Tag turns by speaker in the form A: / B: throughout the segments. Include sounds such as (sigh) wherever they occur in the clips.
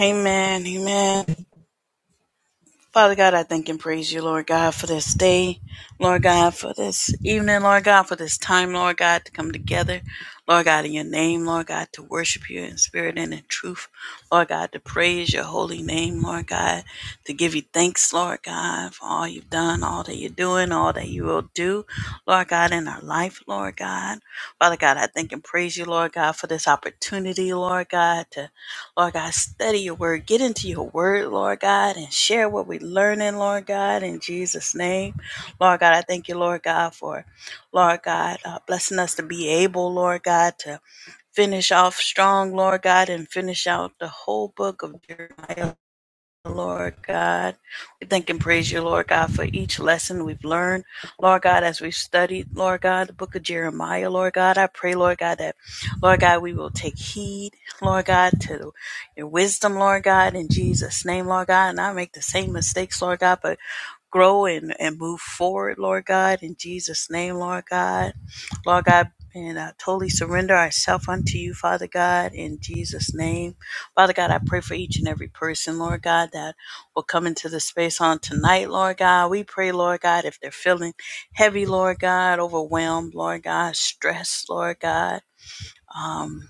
A: Amen. Amen. Father God, I thank and praise you, Lord God, for this day, Lord God, for this evening, Lord God, for this time, Lord God, to come together, Lord God, in your name, Lord God, to worship you in spirit and in truth, Lord God, to praise your holy name, Lord God, to give you thanks, Lord God, for all you've done, all that you're doing, all that you will do, Lord God, in our life, Lord God. Father God, I thank and praise you, Lord God, for this opportunity, Lord God, to Lord God, study your word. Get into your word, Lord God, and share what we're learning, Lord God, in Jesus' name. Lord God, I thank you, Lord God, for, Lord God, uh, blessing us to be able, Lord God, to finish off strong, Lord God, and finish out the whole book of Jeremiah, Lord God. We thank and praise you, Lord God, for each lesson we've learned, Lord God, as we've studied, Lord God, the book of Jeremiah, Lord God. I pray, Lord God, that, Lord God, we will take heed, Lord God, to your wisdom, Lord God, in Jesus' name, Lord God. And I make the same mistakes, Lord God, but grow and, and move forward, Lord God, in Jesus' name, Lord God. Lord God, and I totally surrender ourselves unto you, Father God, in Jesus' name. Father God, I pray for each and every person, Lord God, that will come into the space on tonight, Lord God. We pray, Lord God, if they're feeling heavy, Lord God, overwhelmed, Lord God, stressed, Lord God. um.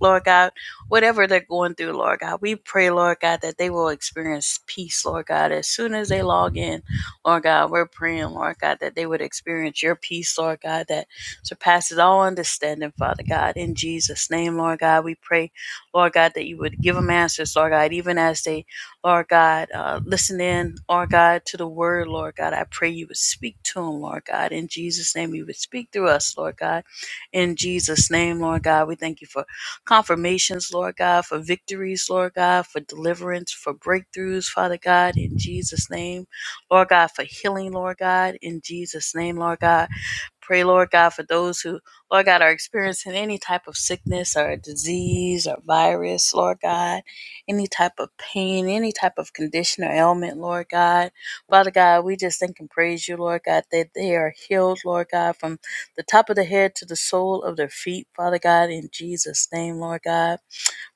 A: Lord God, whatever they're going through, Lord God, we pray, Lord God, that they will experience peace, Lord God, as soon as they log in, Lord God. We're praying, Lord God, that they would experience your peace, Lord God, that surpasses all understanding, Father God. In Jesus' name, Lord God, we pray, Lord God, that you would give them answers, Lord God, even as they, Lord God, uh, listen in, Lord God, to the word, Lord God. I pray you would speak to them, Lord God. In Jesus' name, you would speak through us, Lord God. In Jesus' name, Lord God, we thank you for confirmations, Lord God, for victories, Lord God, for deliverance, for breakthroughs, Father God, in Jesus' name. Lord God, for healing, Lord God, in Jesus' name, Lord God. Pray, Lord God, for those who, Lord God, are experiencing any type of sickness or disease or virus, Lord God, any type of pain, any type of condition or ailment, Lord God. Father God, we just thank and praise you, Lord God, that they are healed, Lord God, from the top of the head to the sole of their feet, Father God, in Jesus' name, Lord God.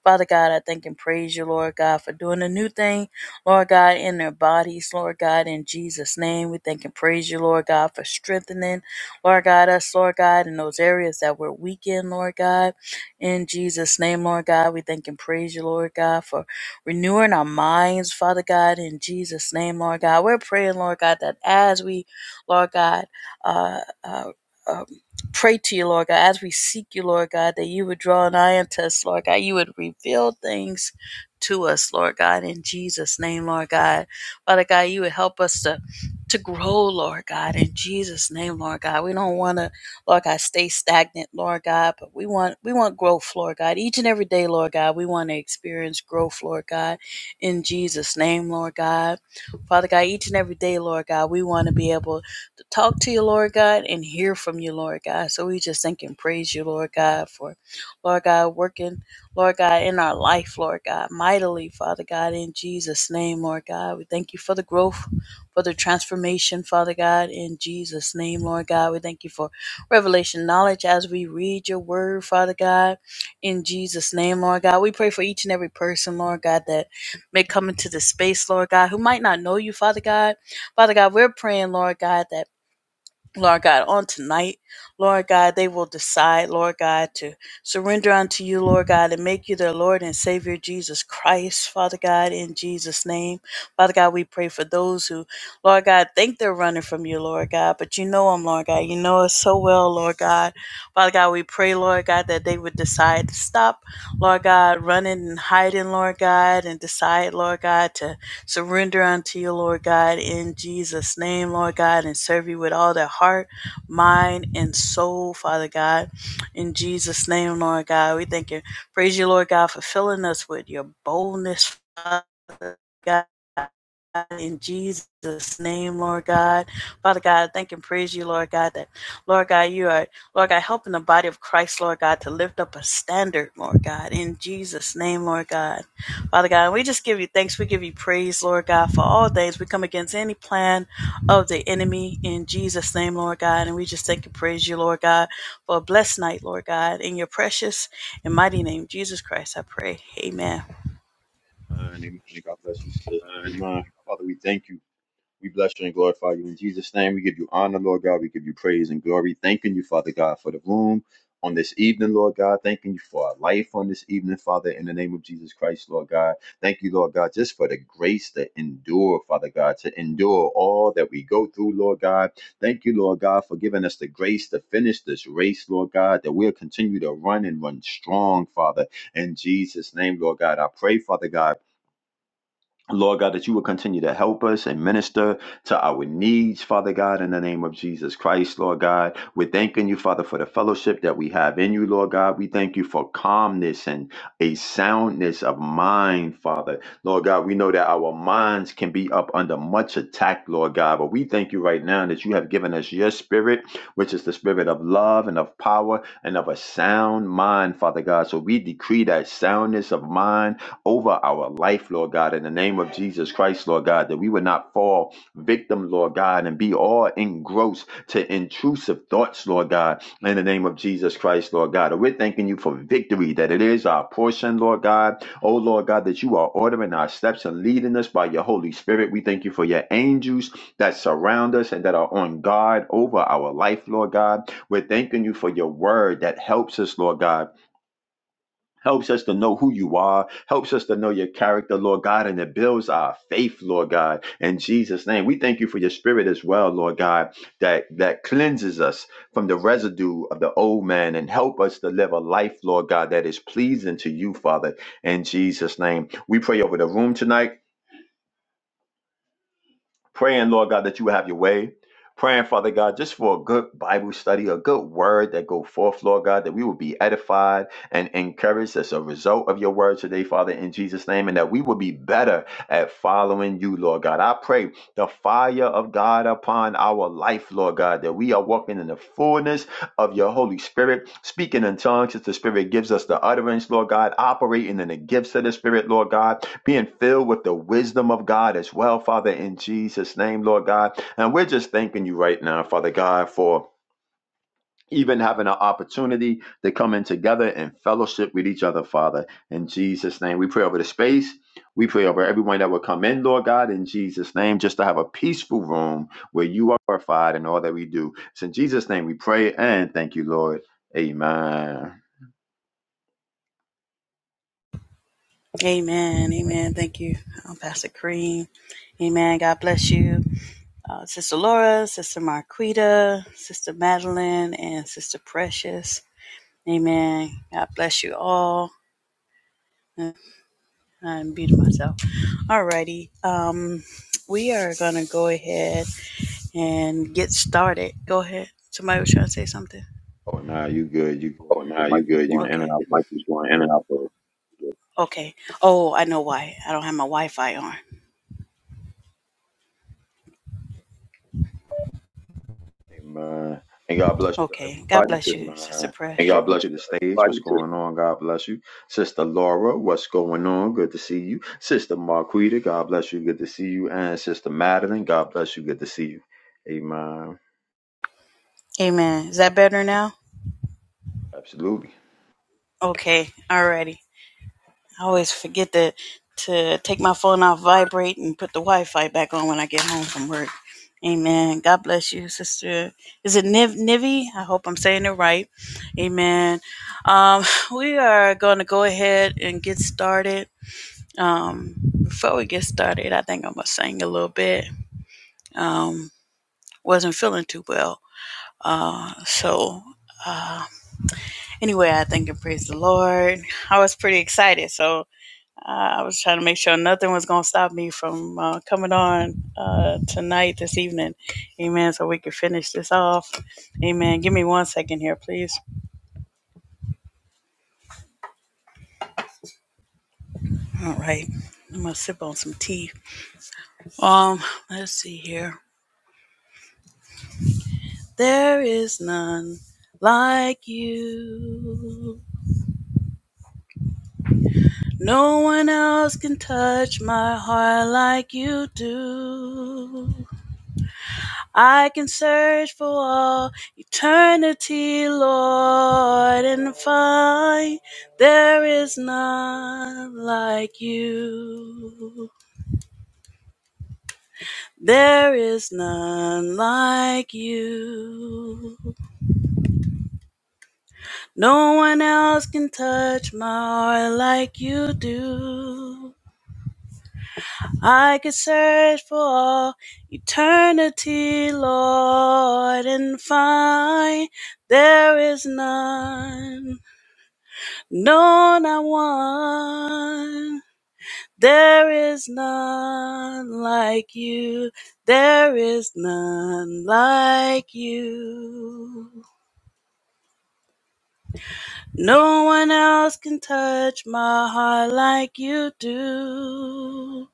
A: Father God, I thank and praise you, Lord God, for doing a new thing, Lord God, in their bodies, Lord God, in Jesus' name. We thank and praise you, Lord God, for strengthening, Lord God, us, Lord God, in those areas that we're weak in, Lord God. In Jesus' name, Lord God, we thank and praise you, Lord God, for renewing our minds, Father God, in Jesus' name, Lord God. We're praying, Lord God, that as we, Lord God, uh, uh, uh pray to you, Lord God, as we seek you, Lord God, that you would draw an eye unto us, Lord God. You would reveal things to us, Lord God, in Jesus' name, Lord God. Father God, you would help us to to grow, Lord God, in Jesus' name, Lord God. We don't want to, Lord God, stay stagnant, Lord God, but we want we want growth, Lord God. Each and every day, Lord God, we want to experience growth, Lord God, in Jesus' name, Lord God. Father God, each and every day, Lord God, we want to be able to talk to you, Lord God, and hear from you, Lord God. So we just thank and praise you, Lord God, for Lord God working, Lord God, in our life, Lord God, mightily, Father God, in Jesus' name, Lord God. We thank you for the growth, for the transformation, Father God, in Jesus' name, Lord God. We thank you for revelation knowledge as we read your word, Father God, in Jesus' name, Lord God. We pray for each and every person, Lord God, that may come into this space, Lord God, who might not know you, Father God. Father God, we're praying, Lord God, that Lord God, on tonight, Lord God, they will decide, Lord God, to surrender unto you, Lord God, and make you their Lord and Savior, Jesus Christ, Father God, in Jesus' name. Father God, we pray for those who, Lord God, think they're running from you, Lord God, but you know them, Lord God. You know us so well, Lord God. Father God, we pray, Lord God, that they would decide to stop, Lord God, running and hiding, Lord God, and decide, Lord God, to surrender unto you, Lord God, in Jesus' name, Lord God, and serve you with all their heart, mind, and soul, Father God. In Jesus' name, Lord God, we thank you. Praise you, Lord God, for filling us with your boldness, Father God. In Jesus' name, Lord God. Father God, I thank and praise you, Lord God, that, Lord God, you are, Lord God, helping the body of Christ, Lord God, to lift up a standard, Lord God, in Jesus' name, Lord God. Father God, we just give you thanks. We give you praise, Lord God, for all things. We come against any plan of the enemy in Jesus' name, Lord God. And we just thank and praise you, Lord God, for a blessed night, Lord God. In your precious and mighty name, Jesus Christ, I pray. Amen.
B: Uh, and amen. God bless you, sis. Amen. Father, we thank you. We bless you and glorify you. In Jesus' name, we give you honor, Lord God. We give you praise and glory. Thanking you, Father God, for the room on this evening, Lord God. Thanking you for our life on this evening, Father, in the name of Jesus Christ, Lord God. Thank you, Lord God, just for the grace to endure, Father God, to endure all that we go through, Lord God. Thank you, Lord God, for giving us the grace to finish this race, Lord God, that we'll continue to run and run strong, Father, in Jesus' name, Lord God. I pray, Father God Lord God, that you will continue to help us and minister to our needs, Father God, in the name of Jesus Christ, Lord God. We're thanking you, Father, for the fellowship that we have in you, Lord God. We thank you for calmness and a soundness of mind, Father. Lord God, we know that our minds can be up under much attack, Lord God, but we thank you right now that you have given us your spirit, which is the spirit of love and of power and of a sound mind, Father God. So we decree that soundness of mind over our life, Lord God, in the name of Jesus Christ, Lord God, that we would not fall victim, Lord God, and be all engrossed to intrusive thoughts, Lord God, in the name of Jesus Christ, Lord God. And we're thanking you for victory, that it is our portion, Lord God. Oh, Lord God, that you are ordering our steps and leading us by your Holy Spirit. We thank you for your angels that surround us and that are on guard over our life, Lord God. We're thanking you for your word that helps us, Lord God Helps us to know who you are. Helps us to know your character, Lord God, and it builds our faith, Lord God. In Jesus' name, we thank you for your spirit as well, Lord God, that, that cleanses us from the residue of the old man and help us to live a life, Lord God, that is pleasing to you, Father. In Jesus' name, we pray over the room tonight. Praying, Lord God, that you would have your way. Praying, Father God, just for a good Bible study, a good word that go forth, Lord God, that we will be edified and encouraged as a result of your word today, Father, in Jesus' name, and that we will be better at following you, Lord God. I pray the fire of God upon our life, Lord God, that we are walking in the fullness of your Holy Spirit. Speaking in tongues as the Spirit gives us the utterance, Lord God. Operating in the gifts of the Spirit, Lord God. Being filled with the wisdom of God as well, Father, in Jesus' name, Lord God. And we're just thanking you right now, Father God, for even having an opportunity to come in together and fellowship with each other, Father. In Jesus' name, we pray over the space. We pray over everyone that will come in, Lord God, in Jesus' name, just to have a peaceful room where you are glorified in all that we do. It's in Jesus' name we pray and thank you, Lord. Amen.
A: Amen. Amen. Thank you, um, Pastor Kareem. Amen. God bless you. Uh, Sister Laura, Sister Marquita, Sister Madeline, and Sister Precious. Amen. God bless you all. I'm beating myself. Alrighty. Um, we are gonna go ahead and get started. Go ahead. Somebody was trying to say something.
B: Oh, nah, you good. You good.
A: Oh,
B: Your
A: nah, you
B: mic is
A: good. You good.
B: going in and
A: Okay. Your
B: out. but
A: mic was
B: you
A: going in and out for Okay. Oh, I know why. I don't have my Wi-Fi on.
B: good. Amen. And God bless you to
A: Okay. God
B: everybody.
A: bless you, All Sister nah. Press. And God
B: Welcome
A: bless
B: to the
A: you,
B: stage. What's
A: everybody.
B: going
A: Too.
B: on? God bless you. Sister Laura, what's going on? Good to see you. Sister Marquita, God bless you. Good to see you. And Sister Madeline, God bless you. Good to see you. Amen.
A: Amen. Is that better now?
B: Absolutely.
A: Okay. Alrighty. I always forget to to take my phone off vibrate and put the Wi-Fi back on when I get home from work. Amen. God bless you, sister. Is it Niv Nivi? I hope I'm saying it right. Amen. Um, (laughs) we are going to go ahead and get started. Um, before we get started, I think I'm gonna sing a little bit. Um, wasn't feeling too well, uh, so. Uh, anyway, I thank and praise the Lord. I was pretty excited, so Uh, I was trying to make sure nothing was going to stop me from uh, coming on uh, tonight, this evening. Amen. So we can finish this off. Amen. Give me one second here, please. All right. I'm going to sip on some tea. Um, Let's see here. There is none like you. No one else can touch my heart like you do. I can search for all eternity, Lord, and find there is none like you. There is none like you. No one else can touch my heart like you do. I could search for all eternity, Lord, and find there is none No, not one. There is none like you. There is none like you. No one else can touch my heart like you do.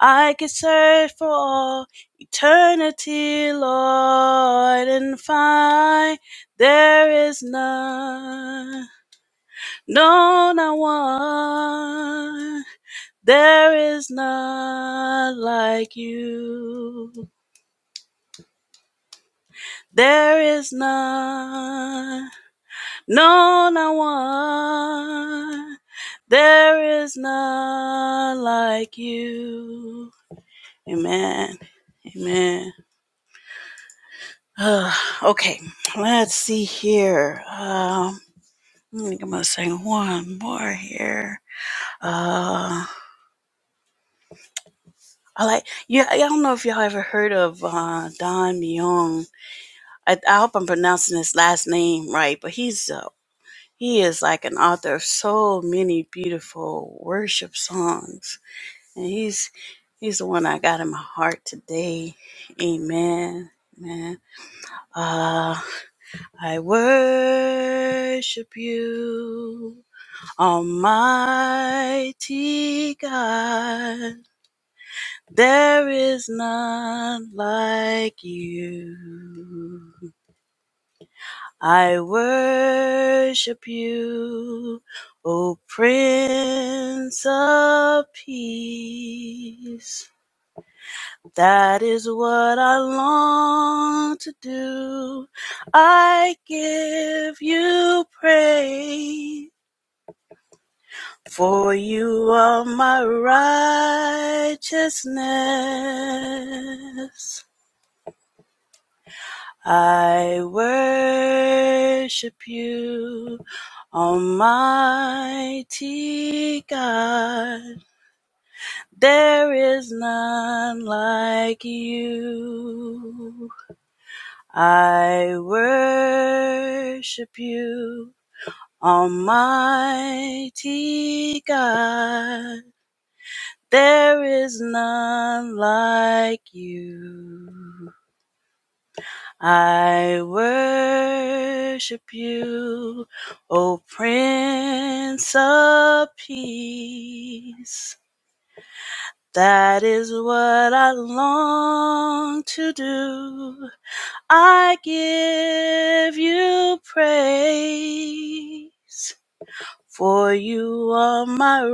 A: I could search for all eternity, Lord, and find there is none. No, not one. There is none like you. There is none, no, not one. There is none like you. Amen. Amen. (sighs) Uh, okay, let's see here. Um, I think I'm gonna sing one more here. Uh, I like. Yeah, I don't know if y'all ever heard of uh, Don Leon. I, I hope I'm pronouncing his last name right, but he's uh, he is like an author of so many beautiful worship songs, and he's he's the one I got in my heart today. Amen, man. Uh, I worship you, Almighty God. There is none like you. I worship you, O Prince of Peace. That is what I long to do. I give you praise, for you are my righteousness. I worship you, Almighty God. There is none like you. I worship you, Almighty God. There is none like you. I worship you, O Prince of Peace. That is what I long to do. I give you praise, for you are my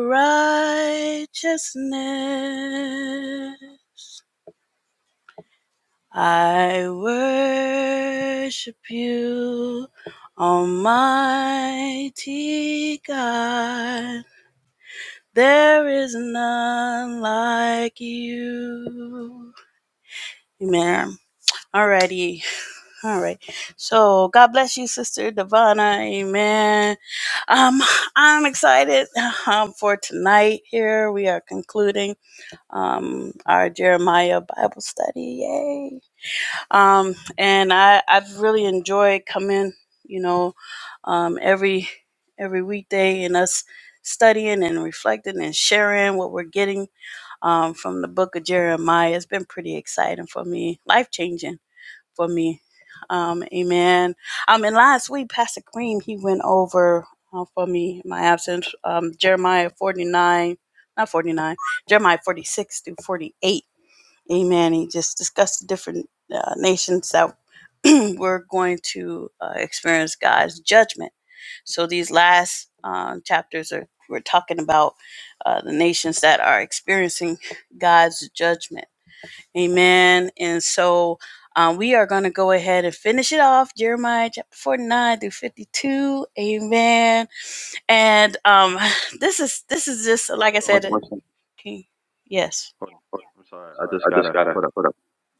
A: righteousness. I worship you, Almighty God. There is none like you. Amen. Alrighty. Alright. So God bless you, Sister Divana. Amen. Um, I'm excited um, for tonight here. We are concluding um our Jeremiah Bible study. Yay. Um, and I, I've really enjoyed coming, you know, um, every every weekday and us studying and reflecting and sharing what we're getting um, from the book of Jeremiah. It's been pretty exciting for me, life changing for me. Um, amen. Um, and last week, Pastor Kareem, he went over uh, for me in my absence um, Jeremiah 49, not 49, Jeremiah 46 through 48 Amen. He just discussed the different uh, nations that (clears throat) were going to uh, experience God's judgment. So these last um, chapters are we're talking about uh, the nations that are experiencing God's judgment. Amen. And so um, we are going to go ahead and finish it off Jeremiah chapter 49 through 52. Amen. And um, (sighs) this is this is just
B: Hold on.
A: like I
B: One
A: said.
B: second.
A: One second. Okay. Yes.
B: Hold on.
A: I'm
B: I'm sorry. I
A: Sorry,
B: just
A: I just
B: gotta
A: gotta.
B: hold up.
A: Hold up.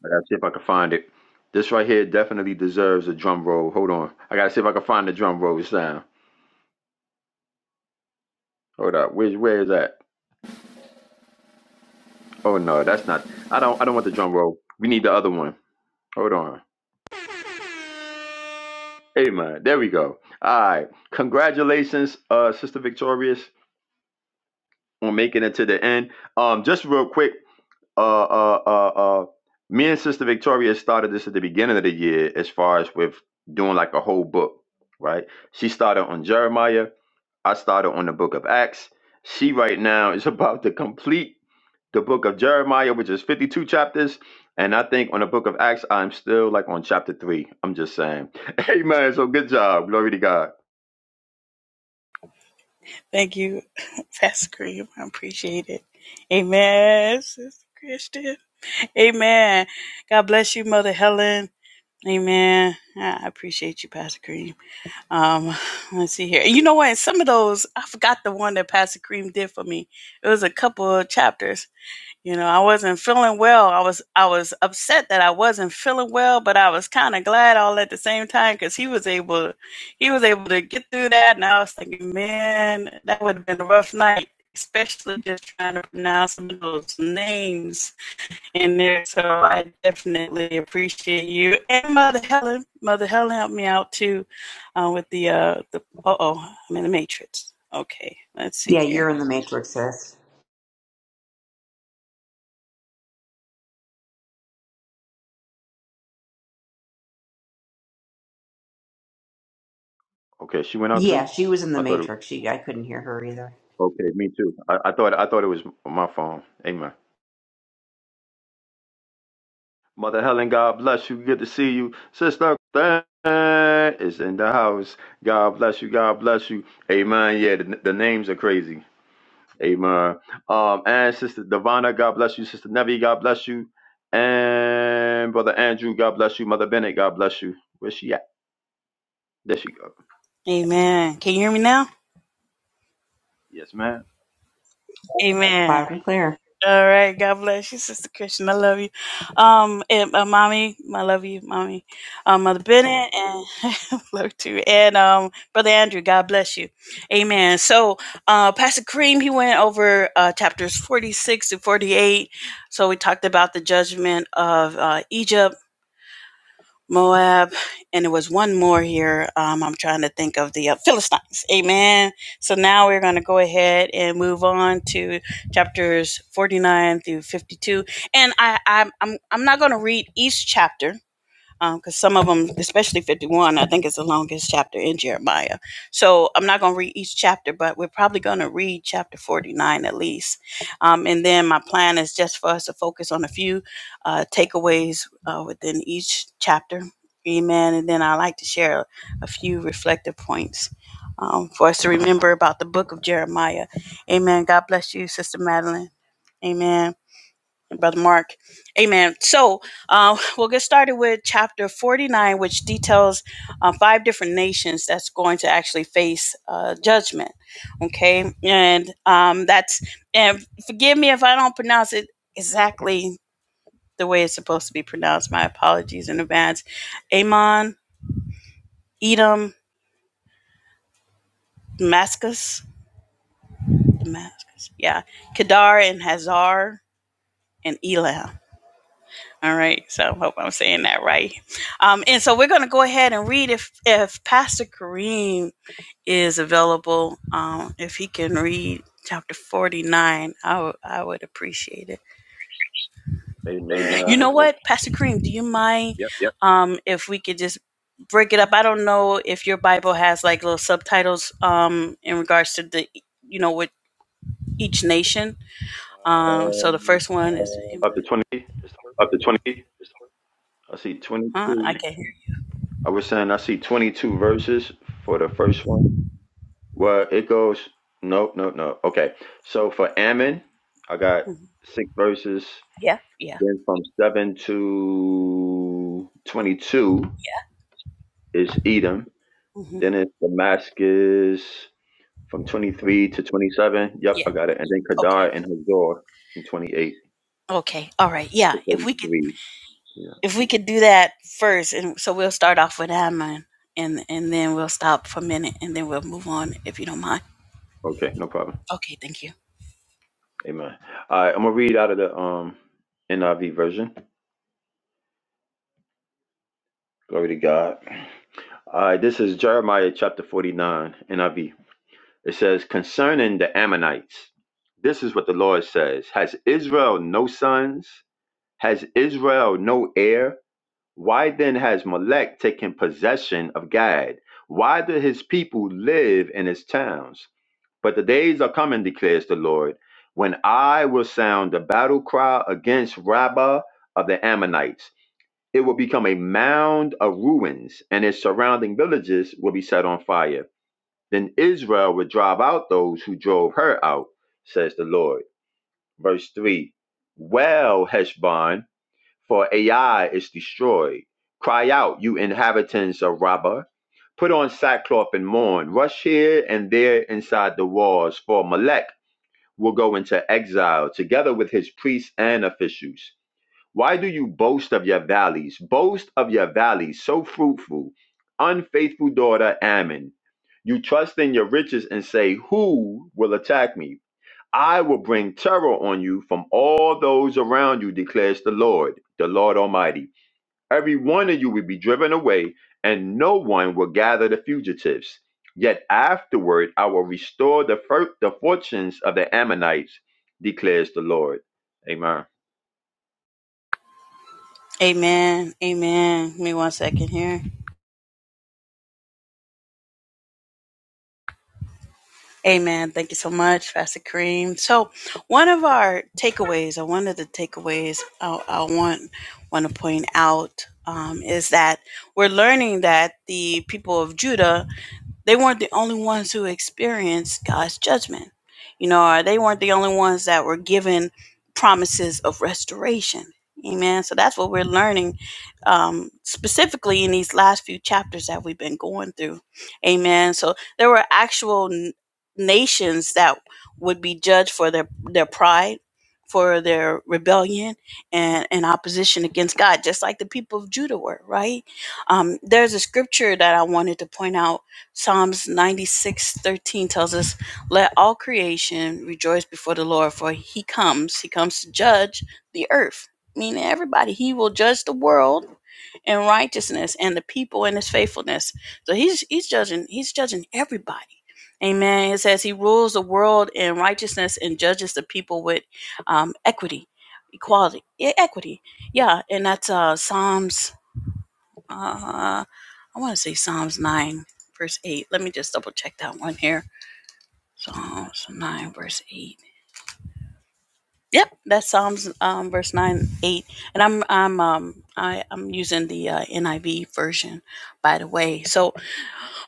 B: I gotta see if I can find it. This right here definitely deserves a drum roll. Hold on. I gotta see if I can find the drum roll sound. Hold up. Where's where is that? Oh no, that's not I don't I don't want the drum roll. We need the other one. Hold on. Amen. There we go. All right. Congratulations, uh, Sister Victorious, on making it to the end. Um, just real quick, uh, uh, uh, uh, me and Sister Victoria started this at the beginning of the year, as far as with doing like a whole book, right? She started on Jeremiah. I started on the Book of Acts. She right now is (laughs) about to complete the Book of Jeremiah, which is fifty-two chapters. And I think on the Book of Acts, I'm still like on chapter three. I'm just saying. (laughs) Amen. So good job. Glory to God.
A: Thank you, (laughs) Pastor Kareem. I appreciate it. Amen, Sister Christian. Amen. God bless you, Mother Helen. Amen. I appreciate you, Pastor Kareem. Um, (sighs) let's see here. You know what? Some of those, I forgot the one that Pastor Kareem did for me. It was a couple of chapters. You know, I wasn't feeling well. I was I was upset that I wasn't feeling well, but I was kind of glad all at the same time because he was able he was able to get through that. And I was thinking, man, that would have been a rough night, especially just trying to pronounce some of those names in there. So I definitely appreciate you and Mother Helen. Mother Helen helped me out too uh, with the uh the uh oh I'm in the matrix. Okay, let's see
C: Yeah,
A: here.
C: you're in the Matrix, sis.
B: Okay, she went out
C: Yeah,
B: too.
C: she was in the
B: I thought it. Was,
C: Matrix. She, I couldn't hear her either.
B: okay, me too. I, I thought I thought it was my phone. Amen. Mother Helen, God bless you. Good to see you, Sister. Stan Is in the house. God bless you. God bless you. Amen. Yeah, the, the names are crazy. Amen. Um, and Sister Devana, God bless you. Sister Nevi, God bless you. And Brother Andrew, God bless you. Mother Bennett, God bless you. Where's she at? There she go.
A: Amen. Can you hear me now?
B: Yes, ma'am.
A: Amen.
C: Loud and clear.
A: All right. God bless you, Sister Christian. I love you. Um, and uh, mommy, I love you, mommy. Um, Mother Bennett, and (laughs) love you too. And um, Brother Andrew, God bless you. Amen. So, uh, Pastor Kareem, he went over uh, chapters 46 to 48. So we talked about the judgment of uh, Egypt. Moab, and it was one more here. Um, I'm trying to think of the uh, Philistines. Amen. So now we're going to go ahead and move on to chapters 49 through 52, and I, I'm I'm I'm not going to read each chapter because some of them, especially 51, I think is the longest chapter in Jeremiah. So I'm not going to read each chapter, but we're probably going to read chapter 49 at least. Um, and then my plan is just for us to focus on a few uh, takeaways uh, within each chapter. Amen. And then I like to share a few reflective points um, for us to remember about the book of Jeremiah. Amen. God bless you, Sister Madeline. Amen and Brother Mark. Amen. So uh, we'll get started with chapter 49, which details uh, five different nations that's going to actually face uh, judgment. Okay. And um, that's, and forgive me if I don't pronounce it exactly the way it's supposed to be pronounced. My apologies in advance. Ammon, Edom, Damascus, Damascus. Yeah. Kedar and Hazar and Elam. All right, so I hope I'm saying that right. Um, and so we're going to go ahead and read if if Pastor Kareem is available. Um, if he can read chapter 49, I would I would appreciate it.
B: Amen.
A: Amen. You know
B: No.
A: what, Pastor Kareem, do you mind
B: Yep.
A: Yep. um, if we could just break it up? I don't know if your Bible has like little subtitles um, in regards to the you know with each nation. Um, so the
B: Um,
A: first one is
B: up
A: Um,
B: to twenty.
A: up to 20.
B: I see
A: huh? I
B: 22.
A: can not hear.
B: I was saying I see 22 verses for the first one. Well, it goes, no, no, no. Okay. So for Ammon, I got
A: Mhm.
B: six verses.
A: Yeah, yeah.
B: Then from 7 to 22 is Edom.
A: hmm
B: Then it's Damascus from
A: From
B: 23 to 27. Yep,
A: Yeah.
B: I got it. And then
A: Okay.
B: Kedar and Hazor from 28
A: Okay. All right. Yeah.
B: to
A: If we could,
B: 33. Yeah.
A: if we could do that first, and so we'll start off with Amon, and and then we'll stop for a minute, and then we'll move on if you don't mind.
B: Okay, no problem.
A: Okay. Thank you.
B: Amen. All right, I'm going to read out of the um NIV version. Glory to God. All right, this is Jeremiah chapter 49, NIV. It says, Concerning the Ammonites, this is what the Lord says Has Israel no sons? Has Israel no heir? Why then has Molech taken possession of Gad? Why do his people live in his towns? But the days are coming, declares the Lord, when I will sound the battle cry against Rabbah of the Ammonites it will become a mound of ruins, and its surrounding villages will be set on fire. Then Israel will drive out those who drove her out, says the Lord. Verse 3 Well, Heshbon, for Ai is destroyed. Cry out, you inhabitants of Rabbah. Put on sackcloth and mourn. Rush here and there inside the walls, for Malek will go into exile together with his priests and officials. Why do you boast of your valleys? Boast of your valleys, so fruitful. Unfaithful daughter Ammon, you trust in your riches and say, Who will attack me? I will bring terror on you from all those around you, declares the Lord, the Lord Almighty. Every one of you will be driven away, and no one will gather the fugitives. Yet afterward, I will restore the, fir- the fortunes of the Ammonites, declares the Lord. Amen.
A: Amen. Amen. Give me one second here. Amen. Thank you so much, Pastor Kareem. So, one of our takeaways, or one of the takeaways, I, I want want to point out um, is that we're learning that the people of Judah they weren't the only ones who experienced God's judgment. You know, or they weren't the only ones that were given promises of restoration. Amen. So that's what we're learning um, specifically in these last few chapters that we've been going through. Amen. So there were actual n- nations that would be judged for their, their pride, for their rebellion, and, and opposition against God, just like the people of Judah were, right? Um, there's a scripture that I wanted to point out Psalms 96 13 tells us, Let all creation rejoice before the Lord, for he comes. He comes to judge the earth, meaning everybody. He will judge the world in righteousness and the people in his faithfulness. So he's he's judging, he's judging everybody. Amen. It says he rules the world in righteousness and judges the people with um, equity, equality, e- equity. Yeah, and that's uh, Psalms uh, I want to say Psalms 9, verse 8. Let me just double check that one here. Psalms 9, verse 8. Yep, that's Psalms um, verse 9, 8. And I'm I'm um I, I'm using the uh, NIV version, by the way. So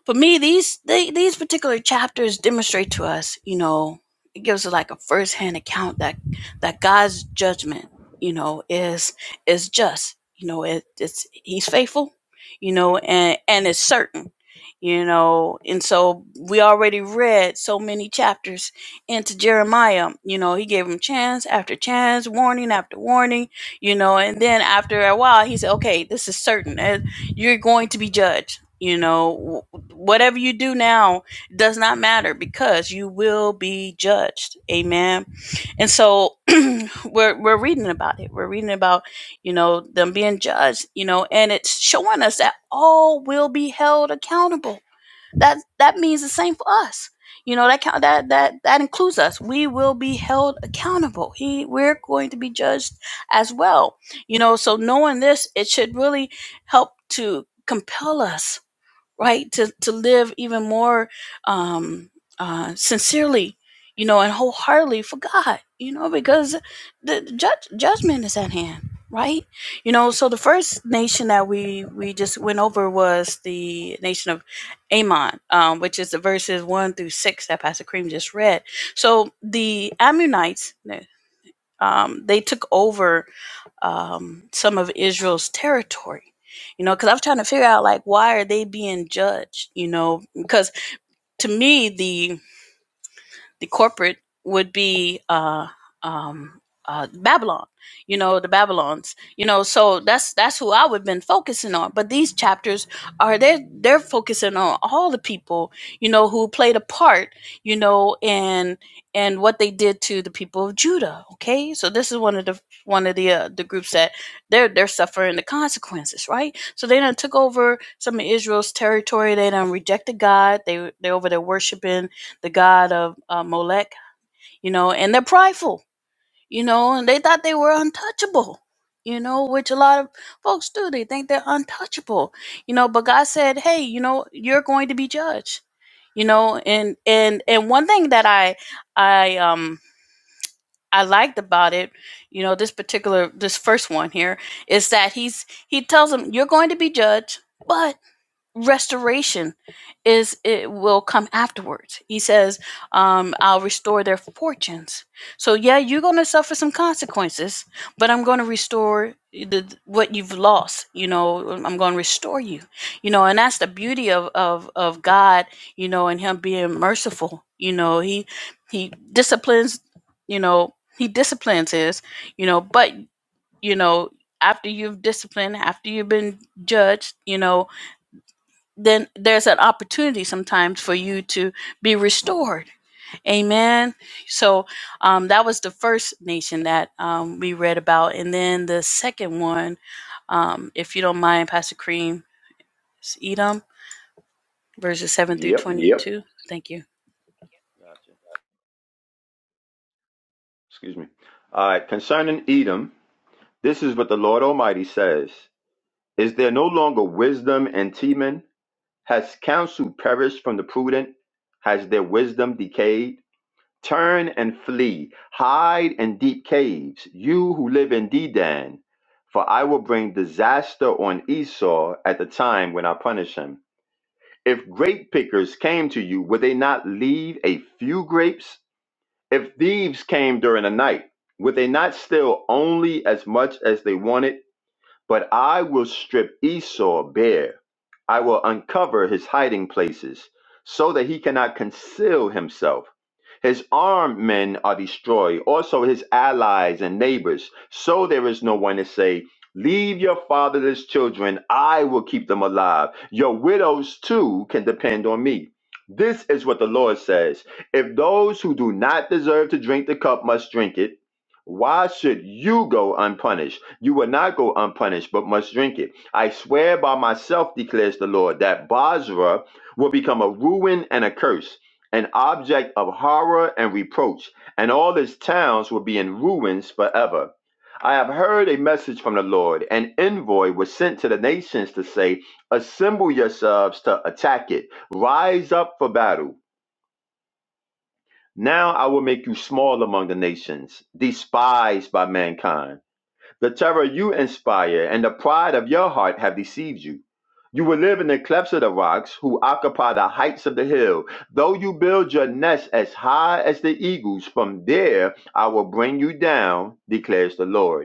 A: for me these they, these particular chapters demonstrate to us you know it gives us like a firsthand account that that god's judgment you know is is just you know it, it's he's faithful you know and and it's certain you know and so we already read so many chapters into jeremiah you know he gave him chance after chance warning after warning you know and then after a while he said okay this is certain and you're going to be judged you know, whatever you do now does not matter because you will be judged. Amen. And so (clears throat) we're we're reading about it. We're reading about, you know, them being judged, you know, and it's showing us that all will be held accountable. That that means the same for us. You know, that count that that that includes us. We will be held accountable. He we're going to be judged as well. You know, so knowing this, it should really help to compel us right to to live even more um uh sincerely you know and wholeheartedly for god you know because the judge, judgment is at hand right you know so the first nation that we we just went over was the nation of ammon um, which is the verses 1 through 6 that pastor cream just read so the ammonites um, they took over um, some of Israel's territory. You know, because i was trying to figure out like why are they being judged? You know, because to me the the corporate would be uh, um, uh, Babylon, you know, the Babylons, you know. So that's that's who I would have been focusing on. But these chapters are they're they're focusing on all the people, you know, who played a part, you know, and and what they did to the people of Judah. Okay, so this is one of the one of the uh, the groups that they're they're suffering the consequences, right? So they done took over some of Israel's territory. They done rejected God. They they over there worshiping the god of uh, Molech, you know, and they're prideful, you know, and they thought they were untouchable, you know, which a lot of folks do. They think they're untouchable, you know, but God said, hey, you know, you're going to be judged, you know, and and and one thing that I I um I liked about it, you know, this particular this first one here is that he's he tells them you're going to be judged, but restoration is it will come afterwards he says um, i'll restore their fortunes so yeah you're going to suffer some consequences but i'm going to restore the, what you've lost you know i'm going to restore you you know and that's the beauty of, of of god you know and him being merciful you know he he disciplines you know he disciplines his you know but you know after you've disciplined after you've been judged you know then there's an opportunity sometimes for you to be restored. Amen. So um, that was the first nation that um, we read about. And then the second one, um, if you don't mind, Pastor Cream, is Edom, verses 7 through Yep.
B: Yep.
A: 22. Thank you.
B: Gotcha. excuse me. All right, concerning Edom, this is what the Lord Almighty says Is there no longer wisdom in Teman? Has counsel perished from the prudent? Has their wisdom decayed? Turn and flee, hide in deep caves, you who live in Dedan. For I will bring disaster on Esau at the time when I punish him. If grape pickers came to you, would they not leave a few grapes? If thieves came during the night, would they not steal only as much as they wanted? But I will strip Esau bare I will uncover his hiding places, so that he cannot conceal himself. His armed men are destroyed, also his allies and neighbors. So there is no one to say, Leave your fatherless children, I will keep them alive. Your widows too can depend on me. This is what the Lord says If those who do not deserve to drink the cup must drink it, why should you go unpunished? You will not go unpunished, but must drink it. I swear by myself, declares the Lord, that Basra will become a ruin and a curse, an object of horror and reproach, and all its towns will be in ruins forever. I have heard a message from the Lord. An envoy was sent to the nations to say, Assemble yourselves to attack it, rise up for battle. Now I will make you small among the nations, despised by mankind. The terror you inspire and the pride of your heart have deceived you. You will live in the clefts of the rocks, who occupy the heights of the hill. Though you build your nest as high as the eagles, from there I will bring you down, declares the Lord.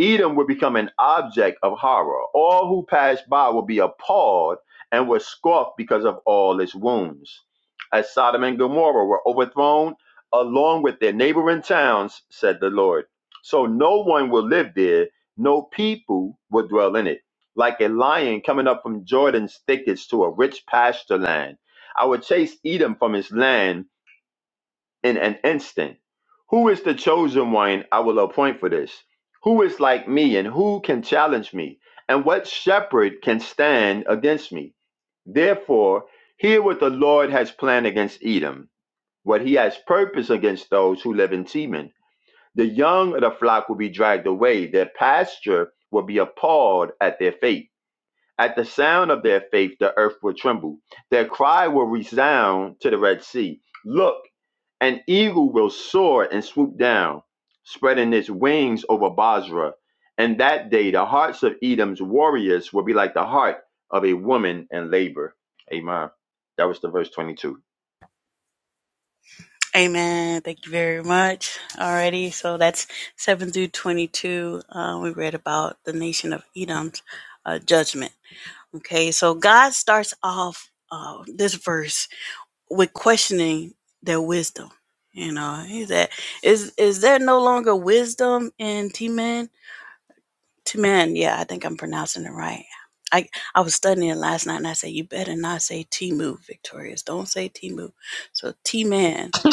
B: Edom would become an object of horror. All who passed by would be appalled and were scoffed because of all its wounds. As Sodom and Gomorrah were overthrown, along with their neighboring towns, said the Lord. So no one will live there, no people will dwell in it. Like a lion coming up from Jordan's thickets to a rich pasture land, I will chase Edom from his land in an instant. Who is the chosen one I will appoint for this? Who is like me and who can challenge me? And what shepherd can stand against me? Therefore, hear what the Lord has planned against Edom, what he has purposed against those who live in Teman. The young of the flock will be dragged away, their pasture will be appalled at their fate. At the sound of their faith, the earth will tremble. Their cry will resound to the Red Sea. Look, an eagle will soar and swoop down, spreading its wings over Basra. And that day, the hearts of Edom's warriors will be like the heart of a woman in labor. Amen. That was the verse 22.
A: Amen. Thank you very much. Alrighty. So that's 7 through 22. Uh, we read about the nation of Edom's uh, judgment. Okay. So God starts off uh, this verse with questioning their wisdom. You know, he said, "Is is there no longer wisdom in T Man? T Man, yeah, I think I'm pronouncing it right. I I was studying it last night, and I said, you better not say T Move, Victorious. Don't say T Move. So T Man
C: (laughs)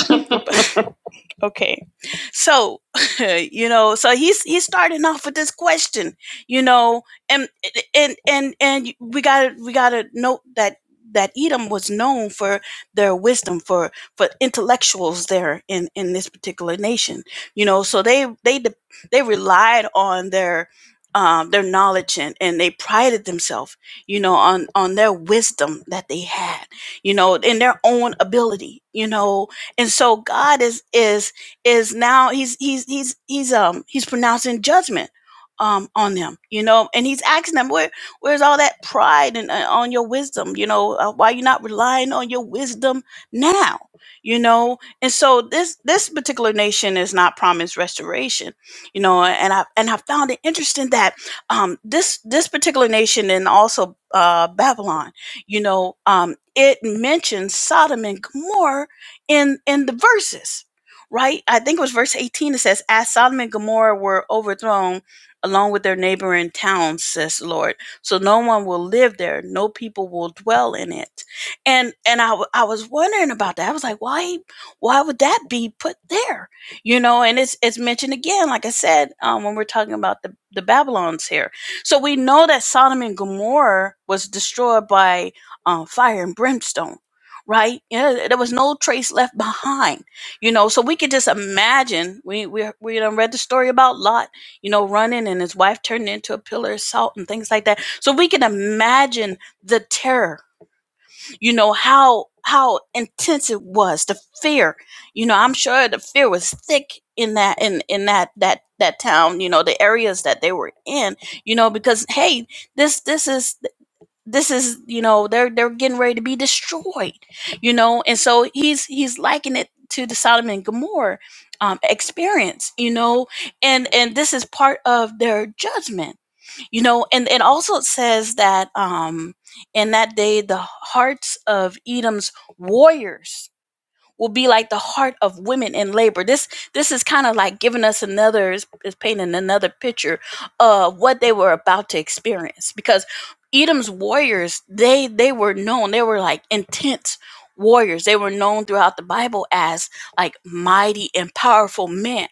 A: Okay. So, (laughs) you know, so he's he's starting off with this question, you know, and and and and we got to we got to note that that Edom was known for their wisdom for for intellectuals there in in this particular nation. You know, so they they de- they relied on their um, their knowledge and, and they prided themselves, you know, on on their wisdom that they had, you know, in their own ability, you know, and so God is is is now he's he's he's he's um he's pronouncing judgment um on them you know and he's asking them where where's all that pride and uh, on your wisdom you know uh, why you not relying on your wisdom now you know and so this this particular nation is not promised restoration you know and i and i found it interesting that um this this particular nation and also uh babylon you know um it mentions sodom and gomorrah in in the verses right? I think it was verse 18 it says, As Sodom and Gomorrah were overthrown along with their neighboring towns, says the Lord. So no one will live there, no people will dwell in it. And and I, w- I was wondering about that. I was like, why why would that be put there? You know, and it's it's mentioned again, like I said, um, when we're talking about the, the Babylons here. So we know that Sodom and Gomorrah was destroyed by uh, fire and brimstone, right? Yeah, there was no trace left behind you know so we could just imagine we we we done read the story about lot you know running and his wife turned into a pillar of salt and things like that so we can imagine the terror you know how how intense it was the fear you know i'm sure the fear was thick in that in in that that that town you know the areas that they were in you know because hey this this is this is you know they're they're getting ready to be destroyed you know and so he's he's liking it to the sodom and gomorrah um, experience you know and and this is part of their judgment you know and and also it says that um in that day the hearts of edom's warriors will be like the heart of women in labor. This this is kind of like giving us another is painting another picture of what they were about to experience because Edom's warriors they they were known they were like intense warriors. They were known throughout the Bible as like mighty and powerful men.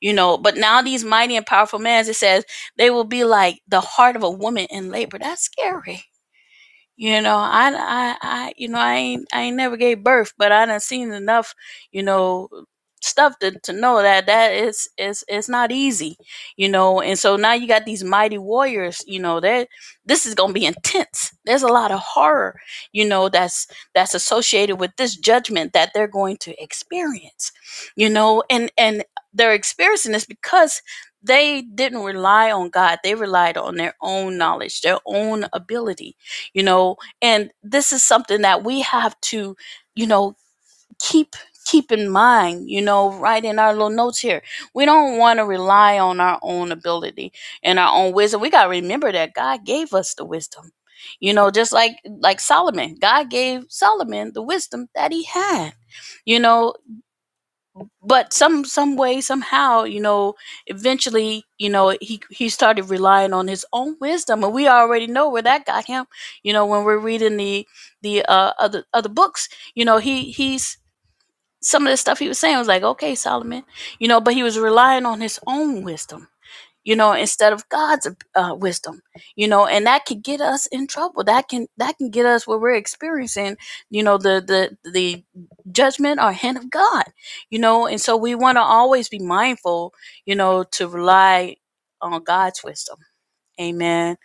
A: You know, but now these mighty and powerful men, as it says, they will be like the heart of a woman in labor. That's scary you know, I, I, I, you know, I ain't, I ain't never gave birth, but I done seen enough, you know, stuff to, to know that that is, is, it's not easy, you know. And so now you got these mighty warriors, you know, that this is gonna be intense. There's a lot of horror, you know, that's that's associated with this judgment that they're going to experience, you know, and and they're experiencing this because they didn't rely on God. They relied on their own knowledge, their own ability you know and this is something that we have to you know keep keep in mind you know right in our little notes here we don't want to rely on our own ability and our own wisdom we got to remember that god gave us the wisdom you know just like like solomon god gave solomon the wisdom that he had you know but some some way somehow you know eventually you know he he started relying on his own wisdom and we already know where that got him you know when we're reading the the uh other other books you know he he's some of the stuff he was saying was like okay solomon you know but he was relying on his own wisdom you know instead of god's uh, wisdom you know and that could get us in trouble that can that can get us where we're experiencing you know the the the judgment or hand of god you know and so we want to always be mindful you know to rely on god's wisdom amen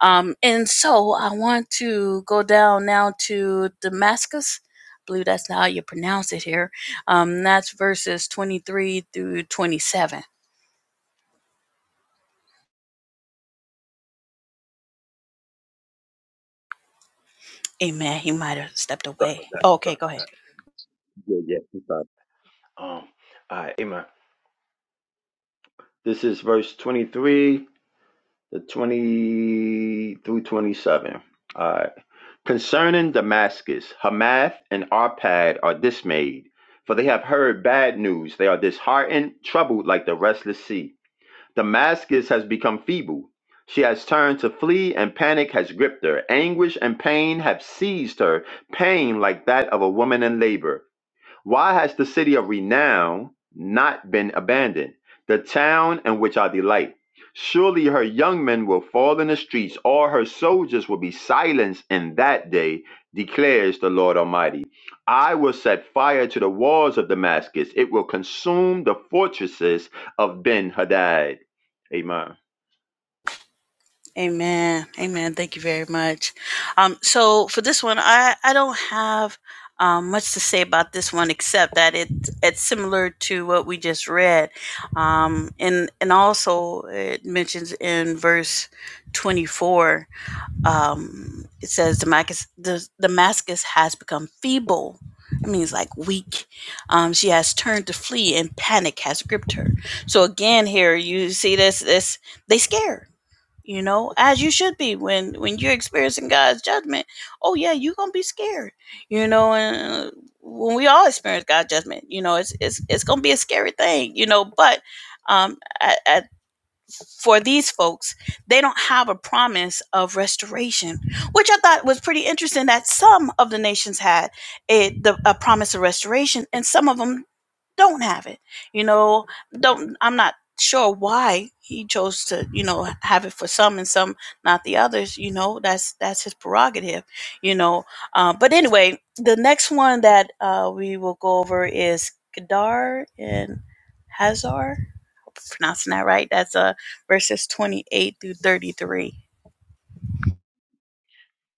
A: um and so i want to go down now to damascus I believe that's how you pronounce it here um that's verses 23 through 27 Amen. He might have stepped away. Oh, okay,
B: Sorry
A: go
B: about
A: ahead.
B: that. Yeah, yeah. I'm sorry. Um, all right, amen. This is verse 23 to 20 through 27. All right. Concerning Damascus Hamath and Arpad are dismayed, for they have heard bad news. They are disheartened, troubled like the restless sea. Damascus has become feeble. She has turned to flee, and panic has gripped her. Anguish and pain have seized her, pain like that of a woman in labor. Why has the city of renown not been abandoned, the town in which I delight? Surely her young men will fall in the streets, all her soldiers will be silenced in that day, declares the Lord Almighty. I will set fire to the walls of Damascus, it will consume the fortresses of Ben Hadad. Amen.
A: Amen. Amen. Thank you very much. Um, so for this one, I, I don't have um, much to say about this one except that it it's similar to what we just read, um, and and also it mentions in verse twenty four. um, it says Damascus, the, Damascus has become feeble. It means like weak. Um, she has turned to flee, and panic has gripped her. So again, here you see this. This they scared. You know, as you should be when when you're experiencing God's judgment. Oh yeah, you're gonna be scared. You know, and uh, when we all experience God's judgment, you know, it's it's it's gonna be a scary thing. You know, but um, a- for these folks, they don't have a promise of restoration, which I thought was pretty interesting that some of the nations had a, the, a promise of restoration and some of them don't have it. You know, don't I'm not sure why he chose to, you know, have it for some and some not the others, you know, that's that's his prerogative, you know. Uh, but anyway, the next one that uh, we will go over is Gadar and Hazar pronouncing that right. That's uh, verses 28 through 33.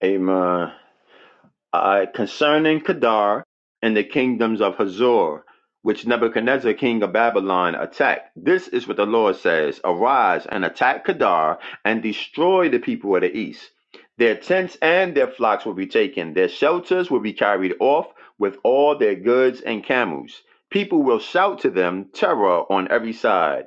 B: Amen. uh, Concerning Kedar and the kingdoms of Hazor, which Nebuchadnezzar king of Babylon attacked, this is what the Lord says Arise and attack Kedar and destroy the people of the east. Their tents and their flocks will be taken, their shelters will be carried off with all their goods and camels. People will shout to them terror on every side.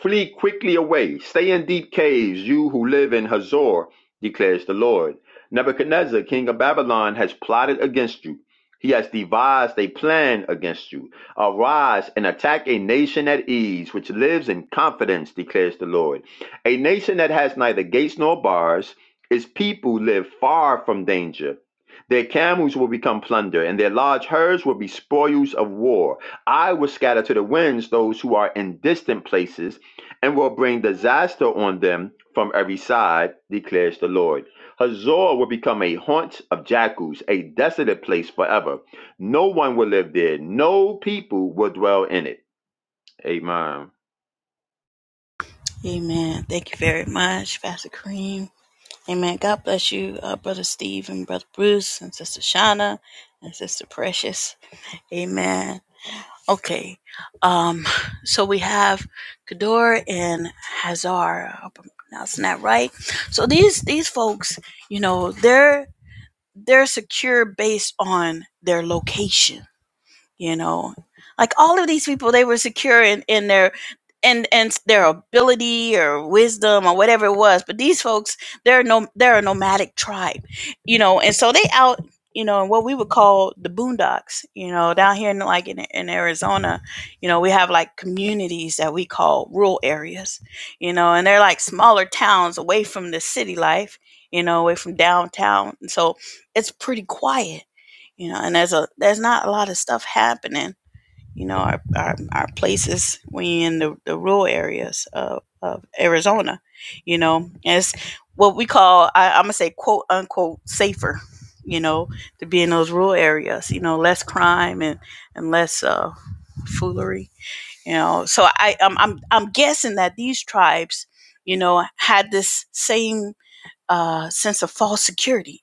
B: Flee quickly away, stay in deep caves, you who live in Hazor, declares the Lord. Nebuchadnezzar, king of Babylon, has plotted against you. He has devised a plan against you. Arise and attack a nation at ease, which lives in confidence, declares the Lord. A nation that has neither gates nor bars, its people live far from danger. Their camels will become plunder, and their large herds will be spoils of war. I will scatter to the winds those who are in distant places and will bring disaster on them from every side, declares the Lord. Hazor will become a haunt of jackals, a desolate place forever. No one will live there, no people will dwell in it. Amen.
A: Amen. Thank you very much, Pastor Kareem. Amen. God bless you, uh, Brother Steve and Brother Bruce and Sister Shauna and Sister Precious. Amen. Okay. Um, so we have Kador and Hazar. I hope I'm pronouncing that right. So these these folks, you know, they're They're secure based on their location you know like all of these people they were secure in, in their and and their ability or wisdom or whatever it was but these folks they're no they're a nomadic tribe you know and so they out you know in what we would call the boondocks you know down here in like in, in arizona you know we have like communities that we call rural areas you know and they're like smaller towns away from the city life you know away from downtown and so it's pretty quiet you know and there's a there's not a lot of stuff happening you know our our, our places are in the, the rural areas of, of arizona you know it's what we call I, i'm gonna say quote unquote safer you know to be in those rural areas you know less crime and and less uh foolery you know so i i'm i'm, I'm guessing that these tribes you know had this same uh, sense of false security.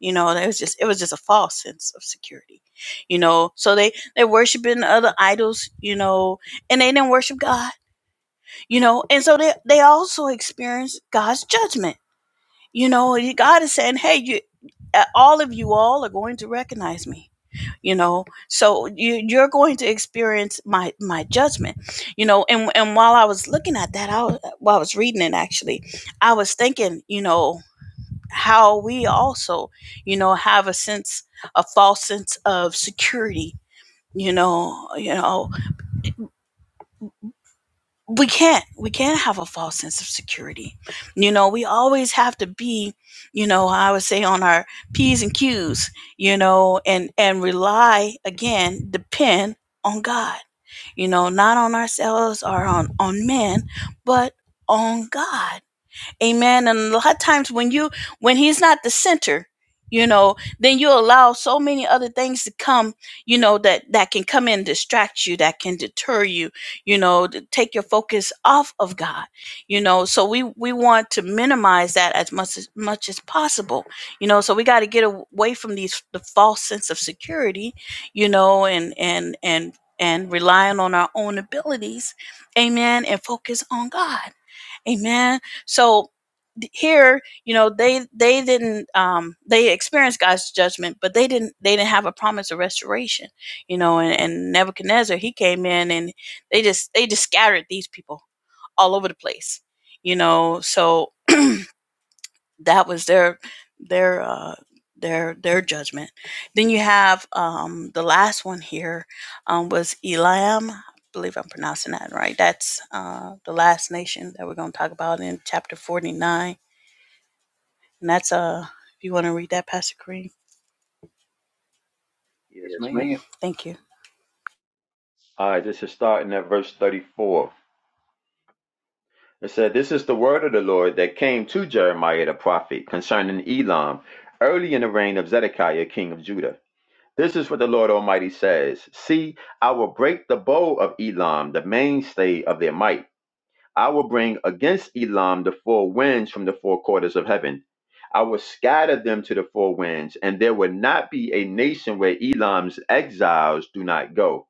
A: You know, it was just it was just a false sense of security. You know, so they they worshiping other idols. You know, and they didn't worship God. You know, and so they they also experienced God's judgment. You know, God is saying, "Hey, you, uh, all of you all are going to recognize me." you know so you, you're going to experience my my judgment you know and and while i was looking at that i was, while i was reading it actually i was thinking you know how we also, you know, have a sense, a false sense of security. You know, you know, we can't, we can't have a false sense of security. You know, we always have to be, you know, I would say on our P's and Q's, you know, and, and rely again, depend on God, you know, not on ourselves or on, on men, but on God Amen. And a lot of times when you when he's not the center, you know, then you allow so many other things to come, you know, that that can come in, distract you, that can deter you, you know, to take your focus off of God. You know, so we we want to minimize that as much as much as possible. You know, so we got to get away from these the false sense of security, you know, and and and and relying on our own abilities, amen, and focus on God. Amen. So here, you know, they they didn't um they experienced God's judgment, but they didn't they didn't have a promise of restoration, you know, and, and Nebuchadnezzar, he came in and they just they just scattered these people all over the place. You know, so that was their their uh their their judgment then you have um the last one here um was elam i believe i'm pronouncing that right that's uh the last nation that we're going to talk about in chapter 49 and that's uh if you want to read that pastor kareem
B: Yes,
A: Yes,
B: ma'am.
A: ma'am. thank you
B: All right, this is starting at verse 34. It said, This is the word of the Lord that came to Jeremiah the prophet concerning Elam early in the reign of Zedekiah, king of Judah. This is what the Lord Almighty says See, I will break the bow of Elam, the mainstay of their might. I will bring against Elam the four winds from the four quarters of heaven. I will scatter them to the four winds, and there will not be a nation where Elam's exiles do not go.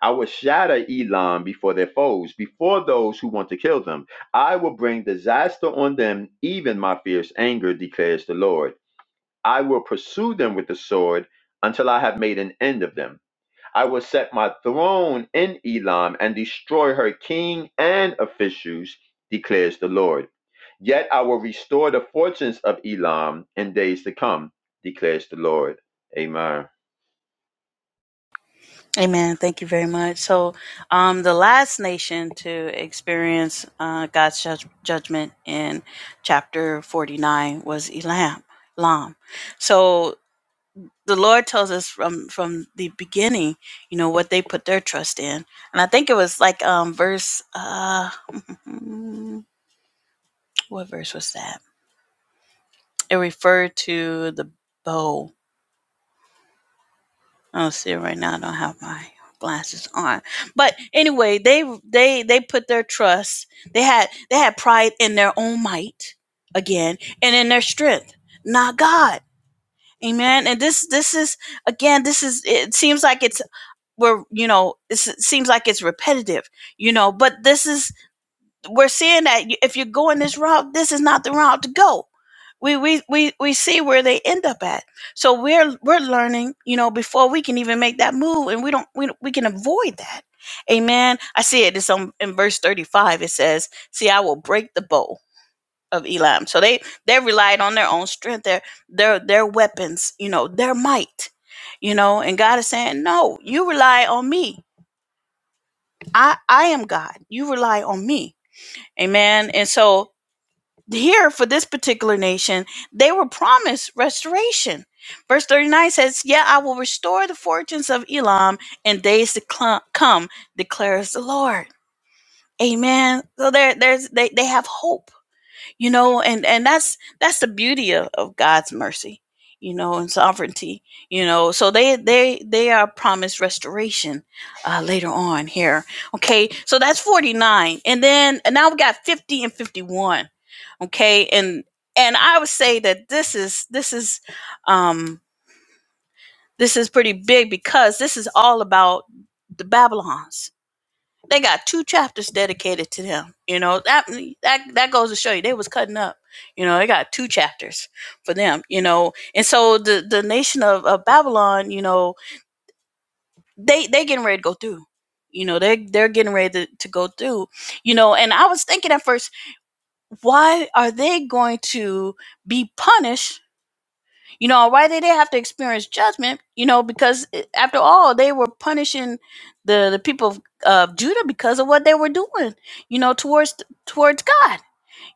B: I will shatter Elam before their foes, before those who want to kill them. I will bring disaster on them, even my fierce anger, declares the Lord. I will pursue them with the sword until I have made an end of them. I will set my throne in Elam and destroy her king and officials, declares the Lord. Yet I will restore the fortunes of Elam in days to come, declares the Lord. Amen.
A: amen thank you very much so um the last nation to experience uh god's judg- judgment in chapter 49 was elam Lam. So the Lord tells us from from the beginning, you know, what they put their trust in. And I think it was like um verse uh (laughs) what verse was that? It referred to the bow. I don't see it right now. I don't have my glasses on. But anyway, they they they put their trust. They had they had pride in their own might again and in their strength, not God. Amen. And this this is again this is it seems like it's we're you know it seems like it's repetitive you know but this is we're seeing that if you're going this route this is not the route to go we we we, we see where they end up at so we're we're learning you know before we can even make that move and we don't we, we can avoid that amen i see it it's on in verse 35 it says see i will break the bow of elam so they they relied on their own strength their their their weapons you know their might you know and god is saying no you rely on me I I am God. You rely on me. Amen. And so here for this particular nation, they were promised restoration. Verse 39 says, Yeah, I will restore the fortunes of Elam in days to cl- come, declares the Lord. Amen. So there, there's they, they have hope you know and and that's that's the beauty of, of god's mercy you know and sovereignty you know so they they they are promised restoration uh later on here okay so that's 49 and then and now we got 50 and 51 okay and and i would say that this is this is um this is pretty big because this is all about the babylons they got two chapters dedicated to them. You know that that that goes to show you they was cutting up. You know they got two chapters for them. You know, and so the the nation of, of Babylon, you know, they they getting ready to go through. You know, they they're getting ready to, to go through. You know, and I was thinking at first, why are they going to be punished you know, why did they have to experience judgment? You know, because eh, after all, they were punishing the the people of of Judah because of what they were doing. You know, towards towards God.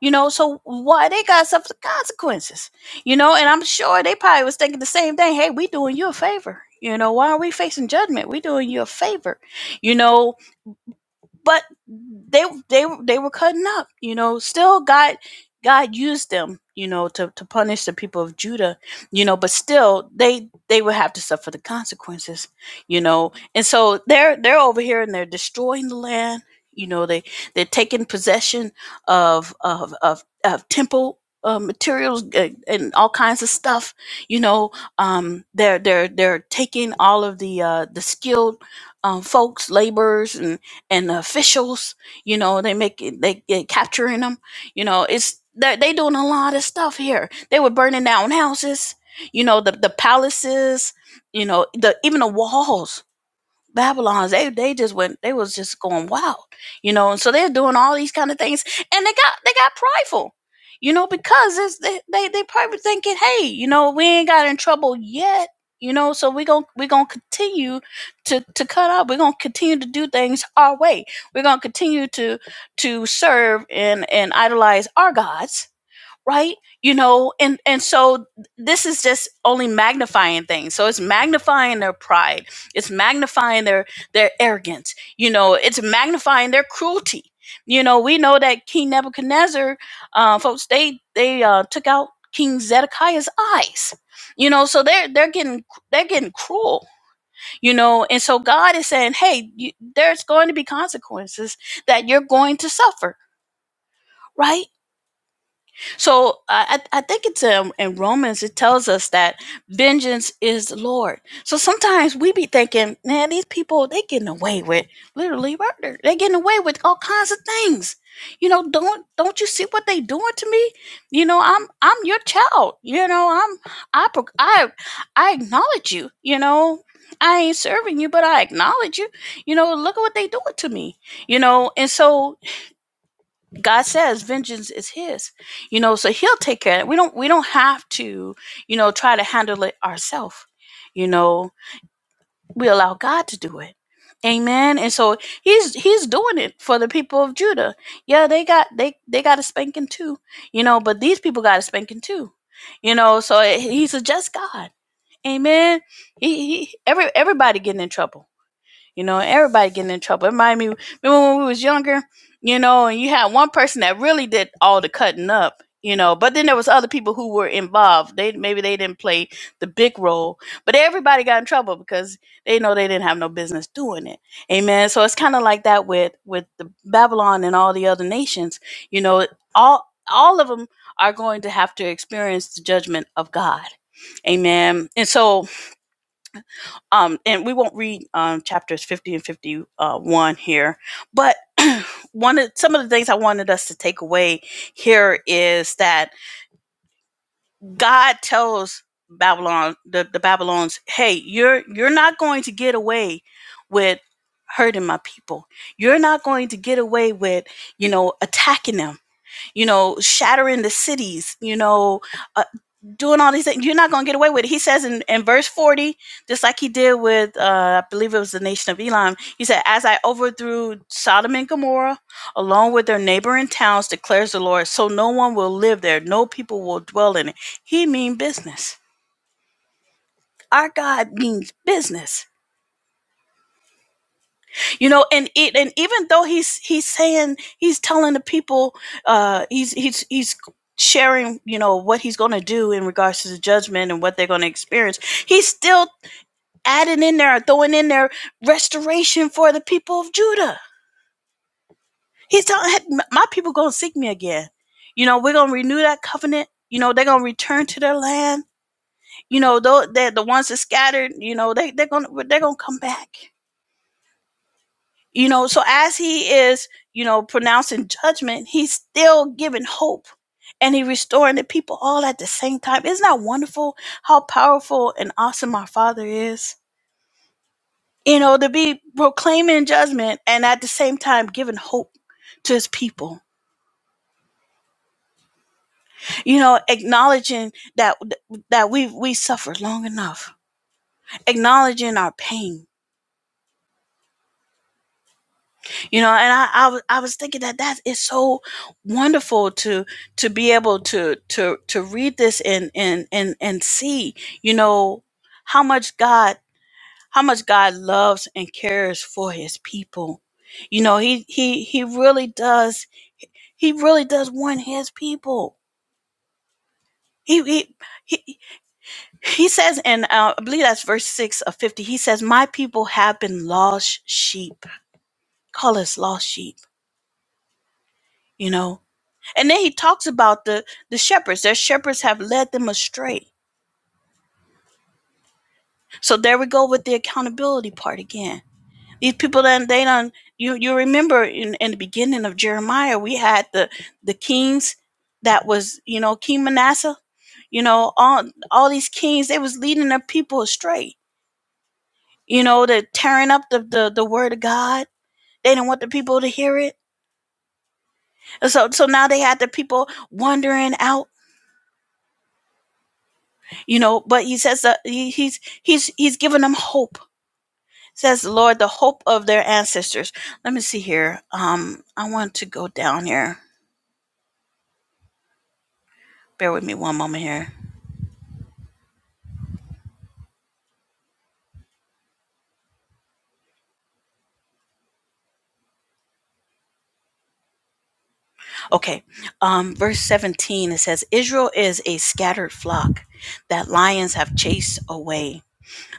A: You know, so why they got suffer consequences? You know, and I'm sure they probably was thinking the same thing. Hey, we doing you a favor. You know, why are we facing judgment? We doing you a favor. You know, but they they they were cutting up you know still god god used them you know to, to punish the people of judah you know but still they they would have to suffer the consequences you know and so they're they're over here and they're destroying the land you know they they're taking possession of of of, of temple uh, materials uh, and all kinds of stuff you know um they're they're they're taking all of the uh the skilled um folks laborers and and the officials. You know, they make it, they get capturing them. You know, it's they they doing a lot of stuff here. They were burning down houses. You know, the the palaces. You know, the even the walls. Babylons, they they just went, they was just going wild, you know, and so they're doing all these kind of things, and they got they got prideful, you know, because it's, they they they probably thinking, hey, you know, we ain't got in trouble yet, you know, so we gon' we gonna continue to to cut up, we're gonna continue to do things our way, we're gonna continue to to serve and and idolize our gods, right you know and and so this is just only magnifying things so it's magnifying their pride it's magnifying their their arrogance you know it's magnifying their cruelty you know we know that king nebuchadnezzar uh, folks they they uh, took out king zedekiah's eyes you know so they're they're getting they're getting cruel you know and so god is saying hey you, there's going to be consequences that you're going to suffer right so uh, I, I think it's um, in Romans, it tells us that vengeance is the Lord. So sometimes we be thinking, man, these people, they getting away with literally murder. they getting away with all kinds of things. You know, don't don't you see what they doing to me? You know, I'm I'm your child. You know, I'm I pro- I I acknowledge you. You know, I ain't serving you, but I acknowledge you. You know, look at what they doing to me. You know, and so God says vengeance is his. You know, so he'll take care of it. We don't we don't have to, you know, try to handle it ourselves. You know, we allow God to do it. Amen. And so he's he's doing it for the people of Judah. Yeah, they got they they got a spanking too. You know, but these people got a spanking too. You know, so he's a just God. Amen. He, he every everybody getting in trouble you know, everybody getting in trouble. It reminded me remember when we was younger, you know, and you had one person that really did all the cutting up, you know, but then there was other people who were involved. They maybe they didn't play the big role, but everybody got in trouble because they know they didn't have no business doing it. Amen. So it's kind of like that with with the Babylon and all the other nations. You know, all all of them are going to have to experience the judgment of God. Amen. And so um, and we won't read um, chapters 50 and 51 here but (clears throat) one of some of the things i wanted us to take away here is that god tells babylon the, the babylons hey you're you're not going to get away with hurting my people you're not going to get away with you know attacking them you know shattering the cities you know uh, doing all these things. You're not going to get away with it. He says in, in verse 40, just like he did with, uh, I believe it was the nation of Elam, he said, As I overthrew Sodom and Gomorrah, along with their neighboring towns, declares the Lord, so no one will live there, no people will dwell in it. He mean business. Our God means business, you know, and it, and even though he's he's saying he's telling the people, uh, he's he's he's sharing, you know, what he's going to do in regards to the judgment and what they're going to experience. He's still adding in there, throwing in there restoration for the people of Judah. He's telling "Hey, my people gonna seek me again. You know, we're gonna renew that covenant. You know, they're gonna return to their land. You know, the the ones that scattered, you know, they they're gonna they're gonna come back. You know, so as he is, you know, pronouncing judgment, he's still giving hope and he restoring the people all at the same time. Isn't that wonderful how powerful and awesome our Father is? you know, to be proclaiming judgment and at the same time giving hope to his people. You know, acknowledging that that we we suffered long enough, acknowledging our pain. You know, and I I was I was thinking that that is so wonderful to to be able to to to read this and and and and see, you know, how much God how much God loves and cares for his people. You know, he he he really does He really does want his people. He he he, he says and uh, I believe that's verse six of fifty. He says, "My people have been lost sheep. Call us lost sheep." You know, and then he talks about the the shepherds. Their shepherds have led them astray. So there we go with the accountability part again. These people done they done you you remember in, in the beginning of Jeremiah we had the the kings that was you know King Manasseh, you know all all these kings they was leading their people astray. You know they're tearing up the the, the word of God. They didn't want the people to hear it, And so so now they had the people wandering out. You know, but he says that he, he's he's he's giving them hope. Says the Lord, the hope of their ancestors. Let me see here. Um, I want to go down here bear with me one moment here. Okay. Um, verse 17, it says, Israel is a scattered flock that lions have chased away.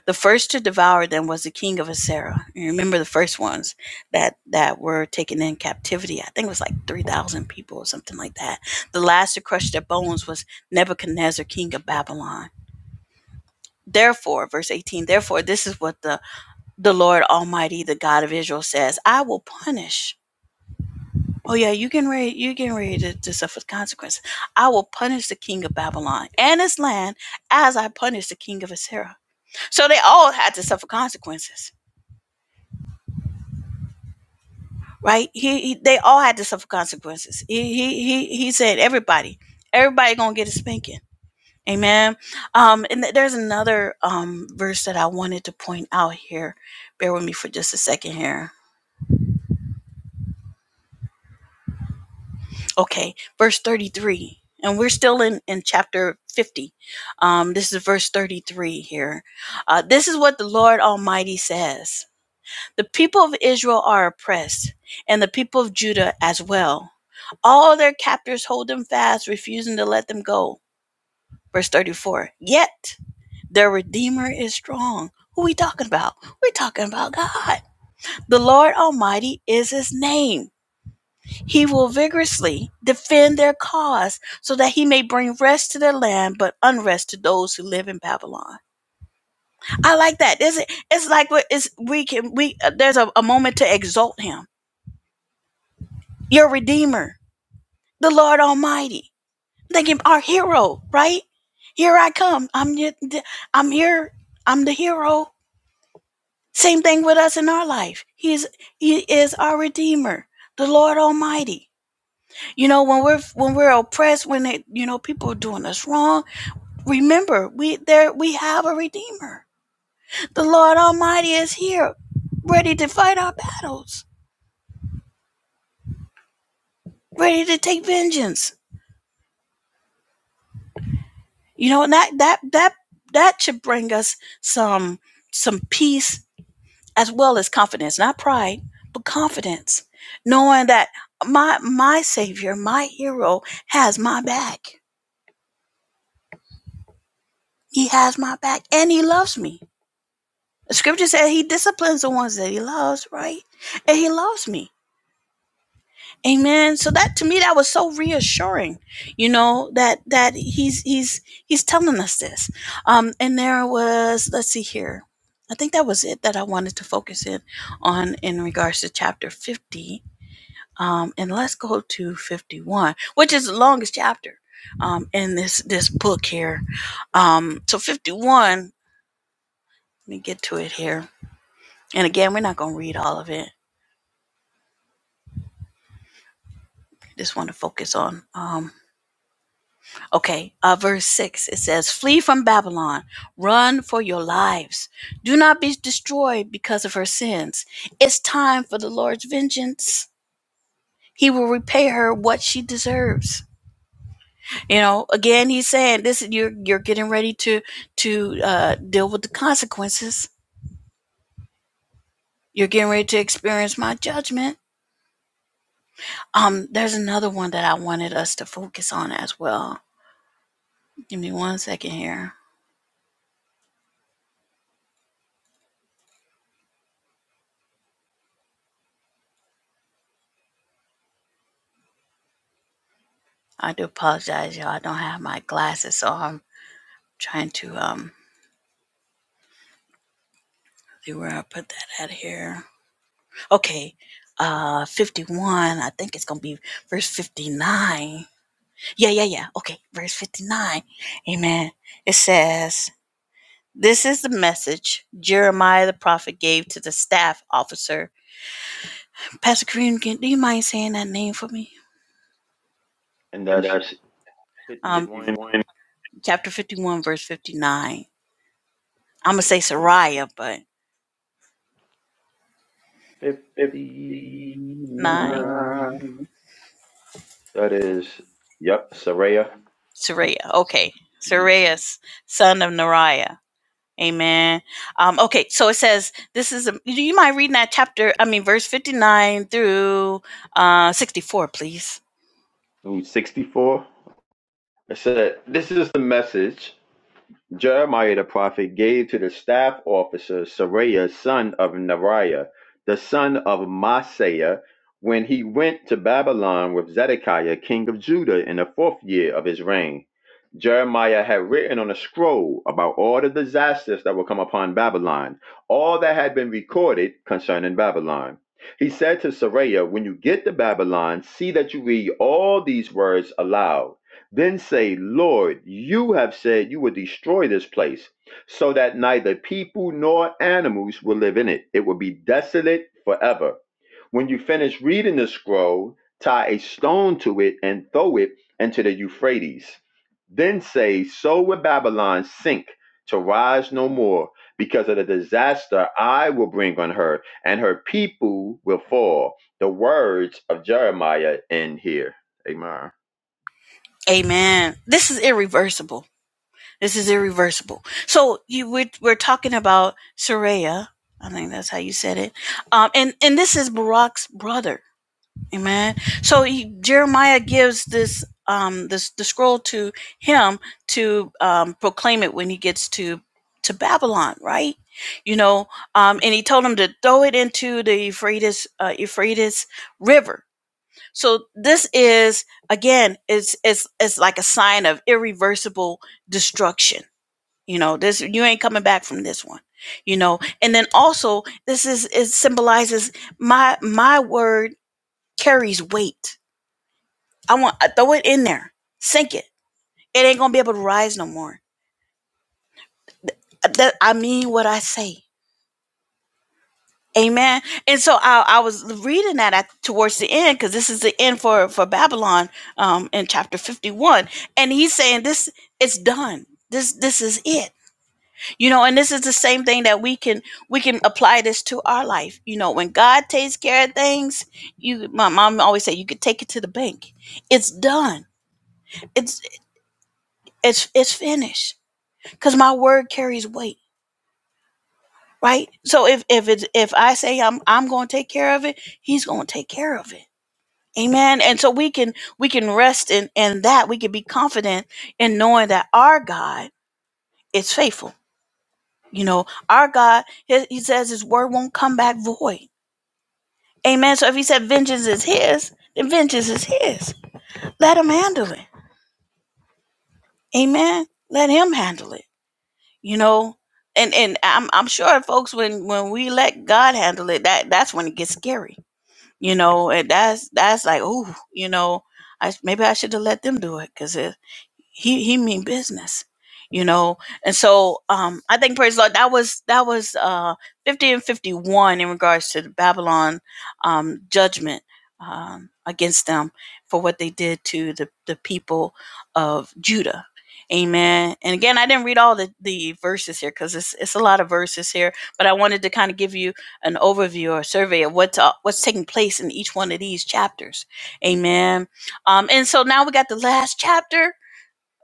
A: The first to devour them was the king of Assyria. You remember the first ones that, that were taken in captivity. I think it was like 3,000 people or something like that. The last to crush their bones was Nebuchadnezzar, king of Babylon. Therefore, verse 18, therefore, this is what the, the Lord Almighty, the God of Israel says, I will punish Oh yeah, you getting ready? You getting ready to, to suffer consequences? I will punish the king of Babylon and his land as I punish the king of Assyria. So they all had to suffer consequences, right? He, he they all had to suffer consequences. He he he, he said everybody, everybody gonna get a spanking. Amen. Um, and th- there's another um verse that I wanted to point out here. Bear with me for just a second here okay verse 33 and we're still in in chapter 50 um this is verse 33 here uh, this is what the lord almighty says the people of israel are oppressed and the people of judah as well all their captors hold them fast refusing to let them go verse 34 yet their redeemer is strong who are we talking about we're talking about god the lord almighty is his name he will vigorously defend their cause so that he may bring rest to their land, but unrest to those who live in Babylon. I like that. It's, it's like we- we can, we, uh, there's a, a moment to exalt him, your redeemer, the Lord Almighty. Thank him, our hero, right? Here I come. I'm, your- I'm here. I'm the hero. Same thing with us in our life. He is he is our redeemer, the Lord Almighty. You know, when we're, when we're oppressed, when they, you know, people are doing us wrong, Remember, we there we have a redeemer. The Lord Almighty is here, ready to fight our battles, ready to take vengeance. You know, and that that that that should bring us some some peace as well as confidence, not pride, but confidence, knowing that my my savior, my hero has my back. He has my back and he loves me. The scripture says he disciplines the ones that he loves, right? And he loves me. Amen. So that to me that was so reassuring, you know, that that he's he's he's telling us this. Um and there was let's see here. I think that was it that I wanted to focus in on in regards to chapter 50. Um and let's go to 51, which is the longest chapter um in this this book here. Um so 51, let me get to it here. And again, we're not going to read all of it. Just want to focus on um Okay, uh, verse 6, it says, Flee from Babylon, run for your lives. Do not be destroyed because of her sins. It's time for the Lord's vengeance. He will repay her what she deserves. You know, again, he's saying this you're you're getting ready to to uh, deal with the consequences. You're getting ready to experience my judgment. Um, there's another one that I wanted us to focus on as well. Give me one second here. I do apologize, y'all. I don't have my glasses, so I'm trying to um see where I put that at here. Okay. Uh 51, I think it's gonna be verse 59. Yeah, yeah, yeah. Okay, verse 59. Amen. It says, This is the message Jeremiah the prophet gave to the staff officer. Pastor Kareem, can, do you mind saying that name for me?
B: And
A: And
B: that's
A: that's Um,
B: 51,
A: 51, chapter 51, verse 59. I'm gonna say
B: verse
A: Sariah, but
B: 59.
A: 59.
B: That is, yep, Saraya.
A: Saraya. Okay.
B: Mhm.
A: Saraya's son of Neriah. Amen. Um, okay, so it says this is a, you you mind reading that chapter, I mean verse 59 through uh 64, please.
B: Ooh, 64. It said, This is the message. Jeremiah the prophet gave to the staff officer Seraiah son of Neriah, the son of Maaseiah, when he went to Babylon with Zedekiah king of Judah in the fourth year of his reign. Jeremiah had written on a scroll about all the disasters that would come upon Babylon, all that had been recorded concerning Babylon. He said to Saraya, When you get to Babylon, see that you read all these words aloud. Then say, 'Lord, you have said you would destroy this place, so that neither people nor animals will live in it. It will be desolate forever. When you finish reading the scroll, tie a stone to it and throw it into the Euphrates. Then say, So will Babylon sink to rise no more because of the disaster I will bring on her, and her people will fall. The words of Jeremiah end here. Amen.
A: Amen. This is irreversible. This is irreversible. So you we're, we're talking about Saraya. I think that's how you said it. Um, and and this is Barak's brother Amen. So he, Jeremiah gives this um this the scroll to him to um, proclaim it when he gets to to Babylon, right? You know, um, and he told him to throw it into the Euphrates uh, Euphrates River. So this is again, it's it's it's like a sign of irreversible destruction. You know, this you ain't coming back from this one. You know, and then also this is it symbolizes my my word carries weight I want uh, throw it in there, sink it. It ain't gonna be able to rise no more. Th- uh, That I mean what I say. Amen. And so I, I was reading that at, towards the end because this is the end for for Babylon um, in chapter fifty one, and he's saying this it's done. This this is it. You know, and this is the same thing that we can we can apply this to our life. You know, when God takes care of things, you my mom always say you could take it to the bank. It's done. It's it's it's finished because my word carries weight right so if if it's if i say i'm i'm going to take care of it he's going to take care of it amen and so we can we can rest in in that we can be confident in knowing that our god is faithful you know our god he, he says his word won't come back void amen so if he said vengeance is his then vengeance is his let him handle it amen let him handle it you know and and i'm i'm sure folks when when we let god handle it that that's when it gets scary you know, and that's that's like, ooh, you know, I sh- maybe I should have let them do it because he he mean business, you know. And so, um, I think praise the Lord that was that was uh fifty and fifty one in regards to the Babylon, um, judgment um against them for what they did to the the people of Judah. Amen. And again, I didn't read all the, the verses here because it's, it's a lot of verses here, but I wanted to kind of give you an overview or survey of what's uh, what's taking place in each one of these chapters. Amen. Um, and so now we got the last chapter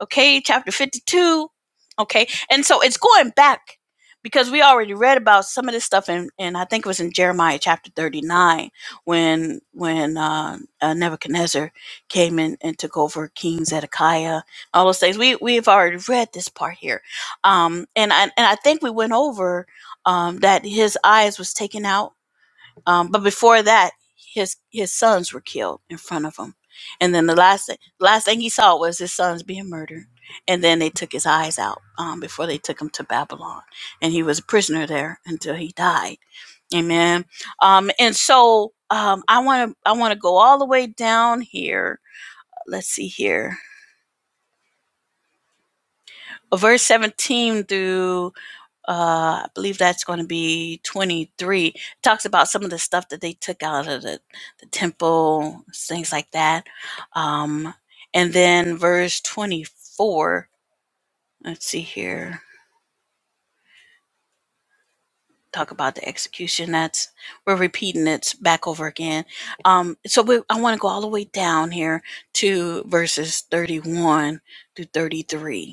A: okay chapter 52 okay and so it's going back because we already read about some of this stuff in, and i think it was in jeremiah chapter 39 when when uh, uh, nebuchadnezzar came in and took over king zedekiah all those things we we've already read this part here um and i and i think we went over um that his eyes was taken out um, but before that, his his sons were killed in front of him, and then the last thing, last thing he saw was his sons being murdered, and then they took his eyes out um, before they took him to Babylon, and he was a prisoner there until he died. Amen. Um, and so um, I want to I want to go all the way down here. Let's see here, verse seventeen through uh, I believe that's going to be 23. It talks about some of the stuff that they took out of the, the temple, things like that. Um, and then verse 24, let's see here, talk about the execution. That's, we're repeating it back over again. Um, so we, I want to go all the way down here to verses 31 through 33.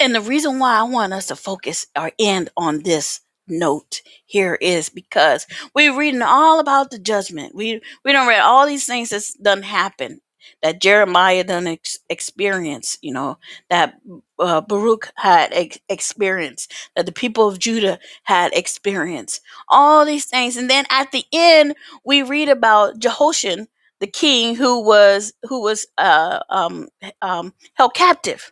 A: And the reason why I want us to focus or end on this note here is because we're reading all about the judgment. We we don't read all these things that's done happen that Jeremiah done ex- experience. You know that uh, Baruch had ex- experienced that the people of Judah had experienced all these things, and then at the end we read about Jehoshaphat, the king who was who was uh, um, um, held captive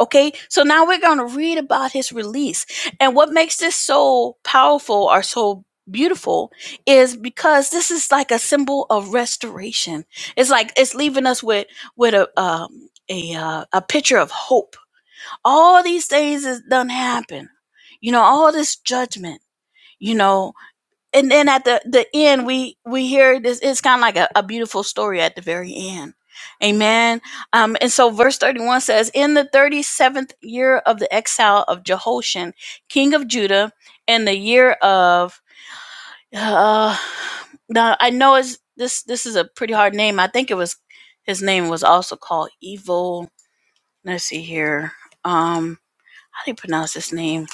A: Okay, so now we're going to read about his release. And what makes this so powerful or so beautiful is because this is like a symbol of restoration. It's like it's leaving us with with a um, a uh, a picture of hope. All these things is done happen. You know, all this judgment. You know, and then at the the end we we hear this it's kind of like a, a beautiful story at the very end amen um and so verse 31 says in the 37th year of the exile of jehoshaphat king of judah in the year of uh now i know it's this this is a pretty hard name i think it was his name was also called evil let's see here um how do you pronounce his name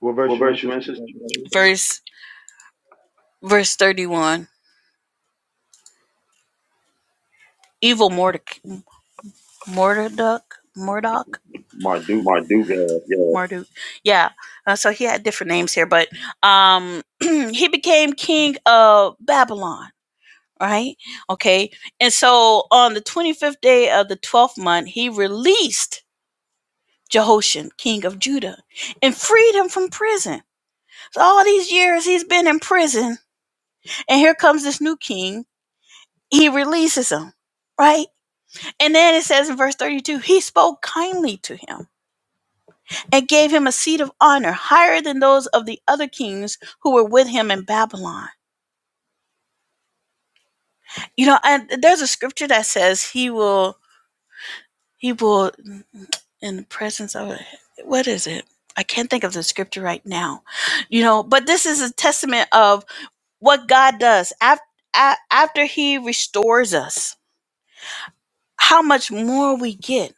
B: What
A: What
B: verse you in,
A: verse you
B: Sister
A: in, sister? verse verse 31 evil mordecai Murdoch, Murdoch,
B: Marduk.
A: Marduk.
B: Yeah.
A: Yeah. Marduk. Yeah. Uh, so he had different names here, but um, (clears throat) he became king of Babylon. Right. Okay. And so on the 25th day of the 12th month, he released Jehoshaphat, king of Judah, and freed him from prison. So all these years he's been in prison, and here comes this new king. He releases him. Right. And then it says in verse 32 he spoke kindly to him and gave him a seat of honor higher than those of the other kings who were with him in Babylon. You know, and there's a scripture that says he will he will in the presence of what is it? I can't think of the scripture right now. You know, but this is a testament of what God does after after he restores us. How much more we get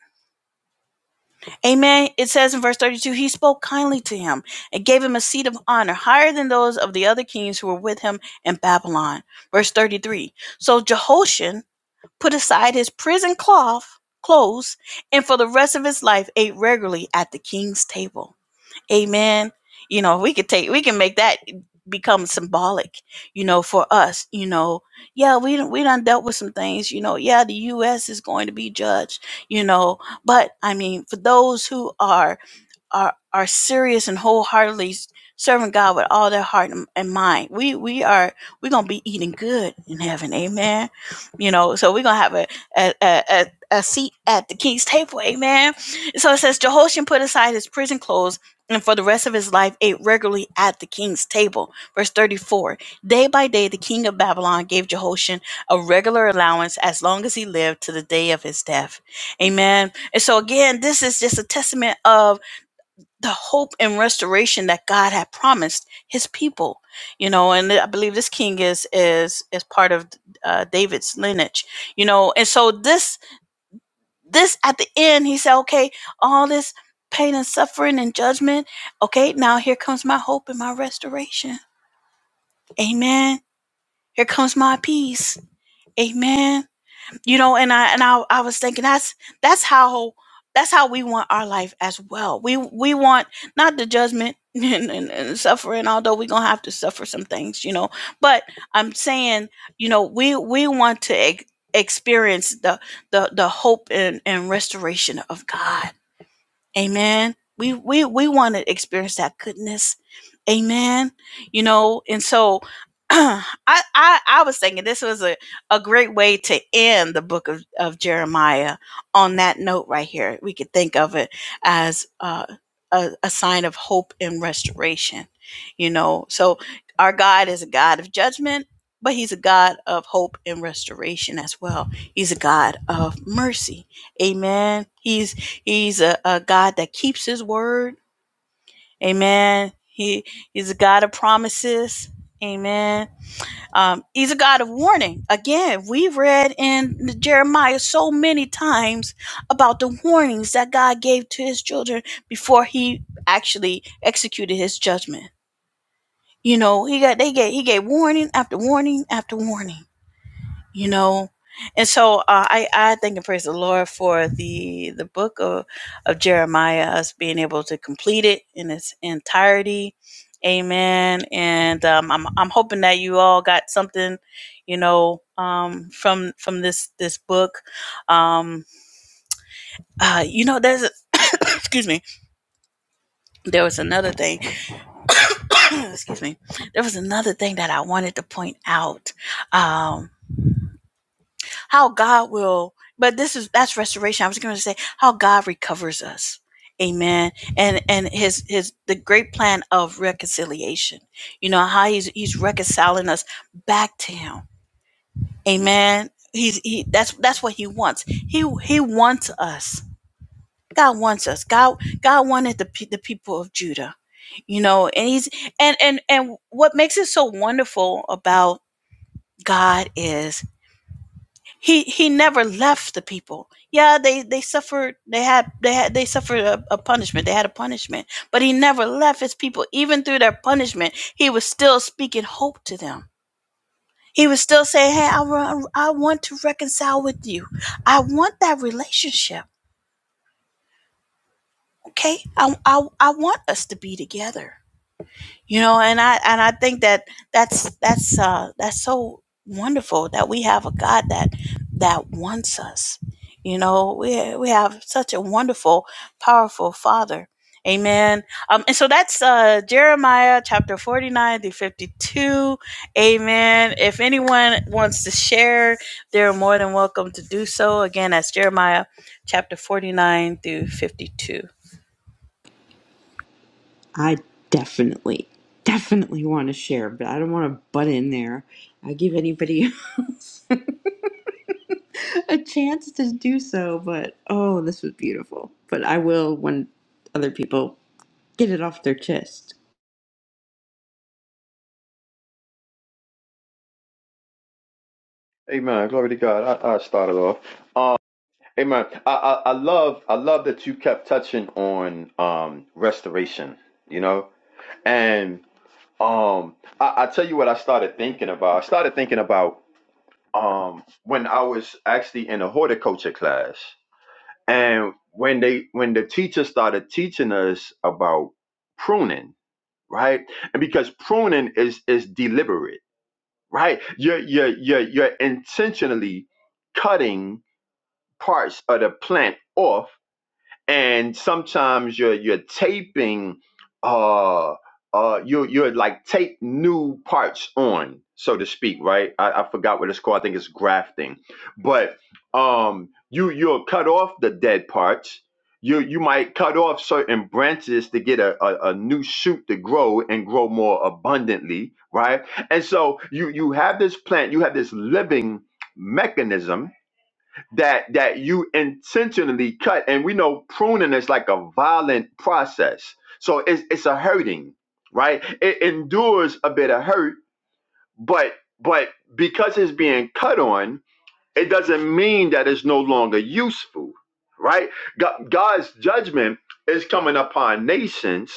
A: Amen. It says in verse 32 He spoke kindly to him and gave him a seat of honor higher than those of the other kings who were with him in Babylon. Verse 33 So Jehoshaphat put aside his prison cloth, clothes, and for the rest of his life ate regularly at the king's table. Amen. You know, we could take, we can make that become symbolic, you know, for us, you know, yeah, we, done- we done dealt with some things, you know, yeah, the U.S. is going to be judged, you know, but I mean, for those who are are are serious and wholeheartedly serving God with all their heart and and mind. We we are we're gonna be eating good in heaven, Amen. You know, so we're gonna have a a a, a a seat at the king's table, amen. So it says Jehoshaphat put aside his prison clothes and for the rest of his life ate regularly at the king's table. Verse 34 Day by day, the king of Babylon gave Jehoshaphat a regular allowance as long as he lived to the day of his death. Amen. And so, again, this is just a testament of the hope and restoration that God had promised His people. You know, and I believe this king is is is part of uh, David's lineage. You know, and so this this at the end, he said, "Okay, all this pain and suffering and judgment. Okay, now here comes my hope and my restoration. Amen. Here comes my peace. Amen." you know and i and i, I was thinking that's that's how that's how we want our life as well we we want not the judgment (laughs) and, and, and suffering although we're gonna have to suffer some things you know but i'm saying you know we we want to ex- experience the the the hope and, and restoration of god Amen. We we we want to experience that goodness. Amen. You know, and so (clears throat) I I I was thinking this was a, a great way to end the book of, of Jeremiah on that note right here. We could think of it as uh, a, a sign of hope and restoration. You know, so our God is a God of judgment, but he's a God of hope and restoration as well. He's a God of mercy. Amen. He's He's a, a God that keeps his word. Amen. He he's a God of promises. Amen. Um, he's a God of warning. Again, we've read in Jeremiah so many times about the warnings that God gave to his children before he actually executed his judgment. You know, he got they gave he gave warning after warning after warning you know and so uh, i i thank and praise the lord for the the book of, of jeremiah us being able to complete it in its entirety amen and um, i'm i'm hoping that you all got something you know um from from this this book um uh you know there's a- (coughs) excuse me there was another thing (coughs) excuse me there was another thing that i wanted to point out Um how God will, but this is that's restoration. I was going to say how God recovers us. Amen. And and his his the great plan of reconciliation. You know how he's he's reconciling us back to him. Amen. He's he that's that's what he wants. He he wants us. God wants us. God God wanted the pe- the people of Judah. You know, and he's and and and what makes it so wonderful about God is he he never left the people yeah they they suffered they had they had they suffered a, a punishment they had a punishment but he never left his people even through their punishment he was still speaking hope to them he was still saying hey i, wa- I want to reconcile with you i want that relationship okay I, I i want us to be together you know and i and i think that that's that's uh that's so wonderful that we have a god that that wants us you know we we have such a wonderful powerful father amen um and so that's uh jeremiah chapter 49 through 52 amen if anyone wants to share they're more than welcome to do so again that's jeremiah chapter 49 through 52
C: I definitely, definitely want to share, but I don't want to butt in there. I give anybody (laughs) else a chance to do so, but oh, this was beautiful. But I will when other people get it off their chest.
B: Amen. Glory to God. I, I started off. Um, Amen. I, I I love I love that you kept touching on um restoration, you know? And um I, I tell you what I started thinking about. I started thinking about um when I was actually in a horticulture class and when they when the teacher started teaching us about pruning, right? And because pruning is is deliberate, right? You're you're you're you're intentionally cutting parts of the plant off and sometimes you're you're taping uh uh you you're like tape new parts on so to speak right I, I forgot what it's called i think it's grafting but um you you'll cut off the dead parts you you might cut off certain branches to get a, a, a new shoot to grow and grow more abundantly right and so you you have this plant you have this living mechanism that that you intentionally cut and we know pruning is like a violent process so it's it's a hurting right it endures a bit of hurt but but because it's being cut on it doesn't mean that it's no longer useful right Go- god's judgment is coming upon nations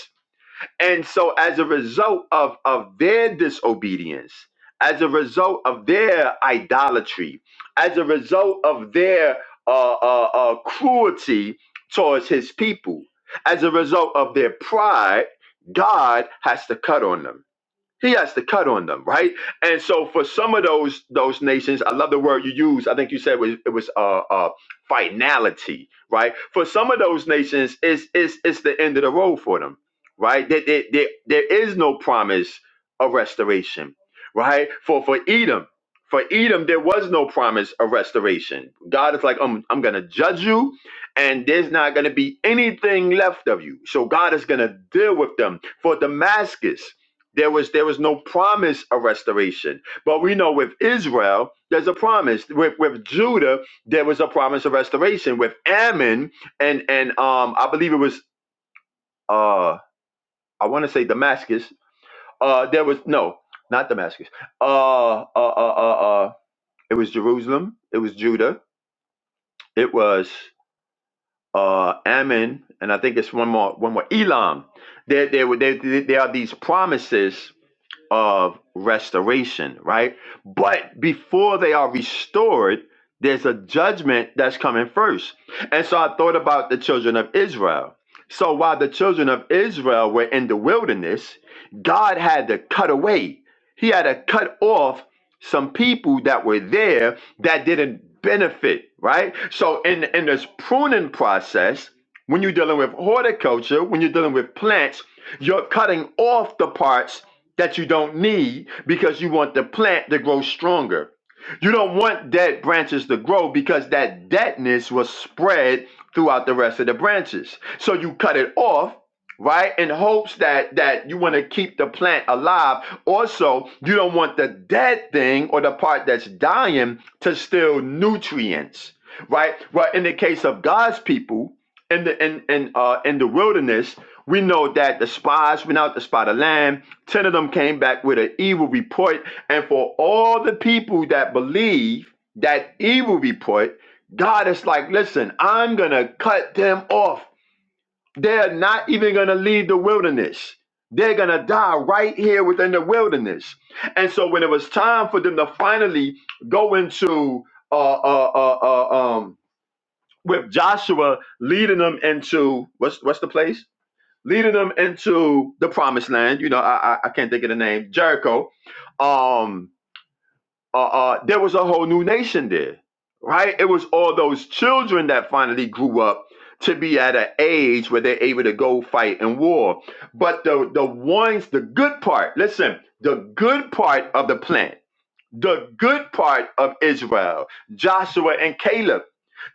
B: and so, as a result of, of their disobedience, as a result of their idolatry, as a result of their uh, uh, uh, cruelty towards his people, as a result of their pride, God has to cut on them he has to cut on them, right? And so for some of those those nations, I love the word you use. I think you said was, it was uh, uh, finality, right? For some of those nations, it's it's it's the end of the road for them, right? There, there, there, there is no promise of restoration, right? For for Edom, for Edom, there was no promise of restoration. God is like, I'm I'm gonna judge you, and there's not gonna be anything left of you. So God is gonna deal with them. For Damascus. There was there was no promise of restoration. But we know with Israel, there's a promise. With with Judah, there was a promise of restoration. With Ammon and and um I believe it was uh I want to say Damascus. Uh there was no, not Damascus. Uh uh uh uh, uh it was Jerusalem, it was Judah, it was uh Ammon, and I think it's one more one more Elam. There there were there, there are these promises of restoration, right? But before they are restored, there's a judgment that's coming first. And so I thought about the children of Israel. So while the children of Israel were in the wilderness, God had to cut away, He had to cut off some people that were there that didn't benefit, right? So in, in this pruning process, when you're dealing with horticulture, when you're dealing with plants, you're cutting off the parts that you don't need because you want the plant to grow stronger. You don't want dead branches to grow because that deadness was spread throughout the rest of the branches. So you cut it off, right? In hopes that that you want to keep the plant alive. Also, you don't want the dead thing or the part that's dying to steal nutrients, right? Well, in the case of God's people in the in in uh in the wilderness, we know that the spies went out to spy the land Ten of them came back with an evil report. And for all the people that believe that evil report, God is like, listen, I'm going to cut them off. They're not even going to leave the wilderness. They're going to die right here within the wilderness. And so when it was time for them to finally go into, uh, uh, uh, uh, um, with Joshua leading them into, what's, what's the place? leading them into the promised land. You know, I I, I can't think of the name Jericho. Um, uh, uh, there was a whole new nation there, right? It was all those children that finally grew up to be at an age where they're able to go fight in war. But the the ones, the good part. Listen, the good part of the plan the good part of Israel, Joshua and Caleb,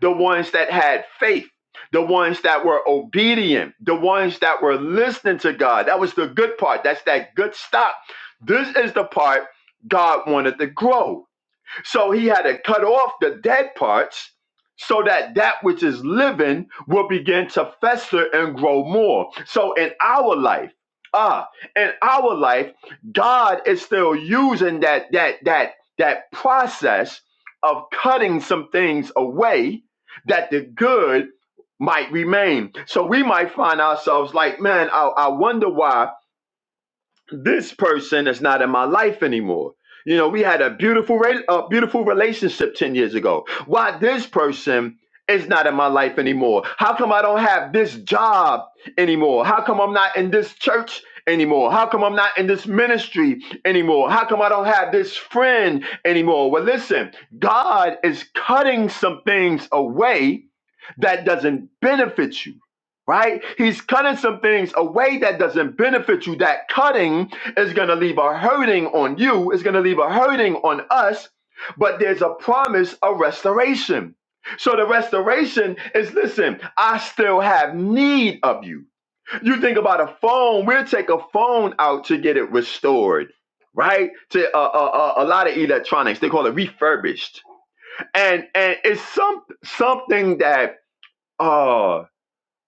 B: the ones that had faith, the ones that were obedient, the ones that were listening to God. That was the good part. That's that good stuff. This is the part God wanted to grow. So he had to cut off the dead parts so that that which is living will begin to fester and grow more. So in our life, ah, in our life, God is still using that that that that process of cutting some things away that the good might remain. So we might find ourselves like, man, I, I wonder why this person is not in my life anymore. You know, we had a beautiful, re- a beautiful relationship ten years ago. Why this person is not in my life anymore? How come I don't have this job anymore? How come I'm not in this church anymore? How come I'm not in this ministry anymore? How come I don't have this friend anymore? Well, listen, God is cutting some things away that doesn't benefit you, right? He's cutting some things away that doesn't benefit you. That cutting is going to leave a hurting on you, it's going to leave a hurting on us, but there's a promise of restoration. So the restoration is listen, I still have need of you. You think about a phone, we'll take a phone out to get it restored. Right to uh, uh, uh, a lot of electronics, they call it refurbished, and and it's some something that uh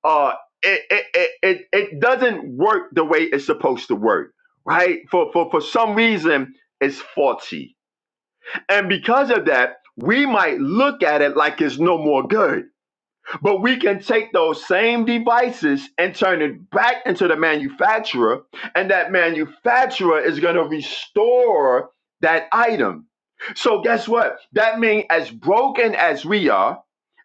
B: uh it it, it it it doesn't work the way it's supposed to work right for for for some reason it's faulty and because of that we might look at it like it's no more good but we can take those same devices and turn it back into the manufacturer and that manufacturer is going to restore that item so guess what that means as broken as we are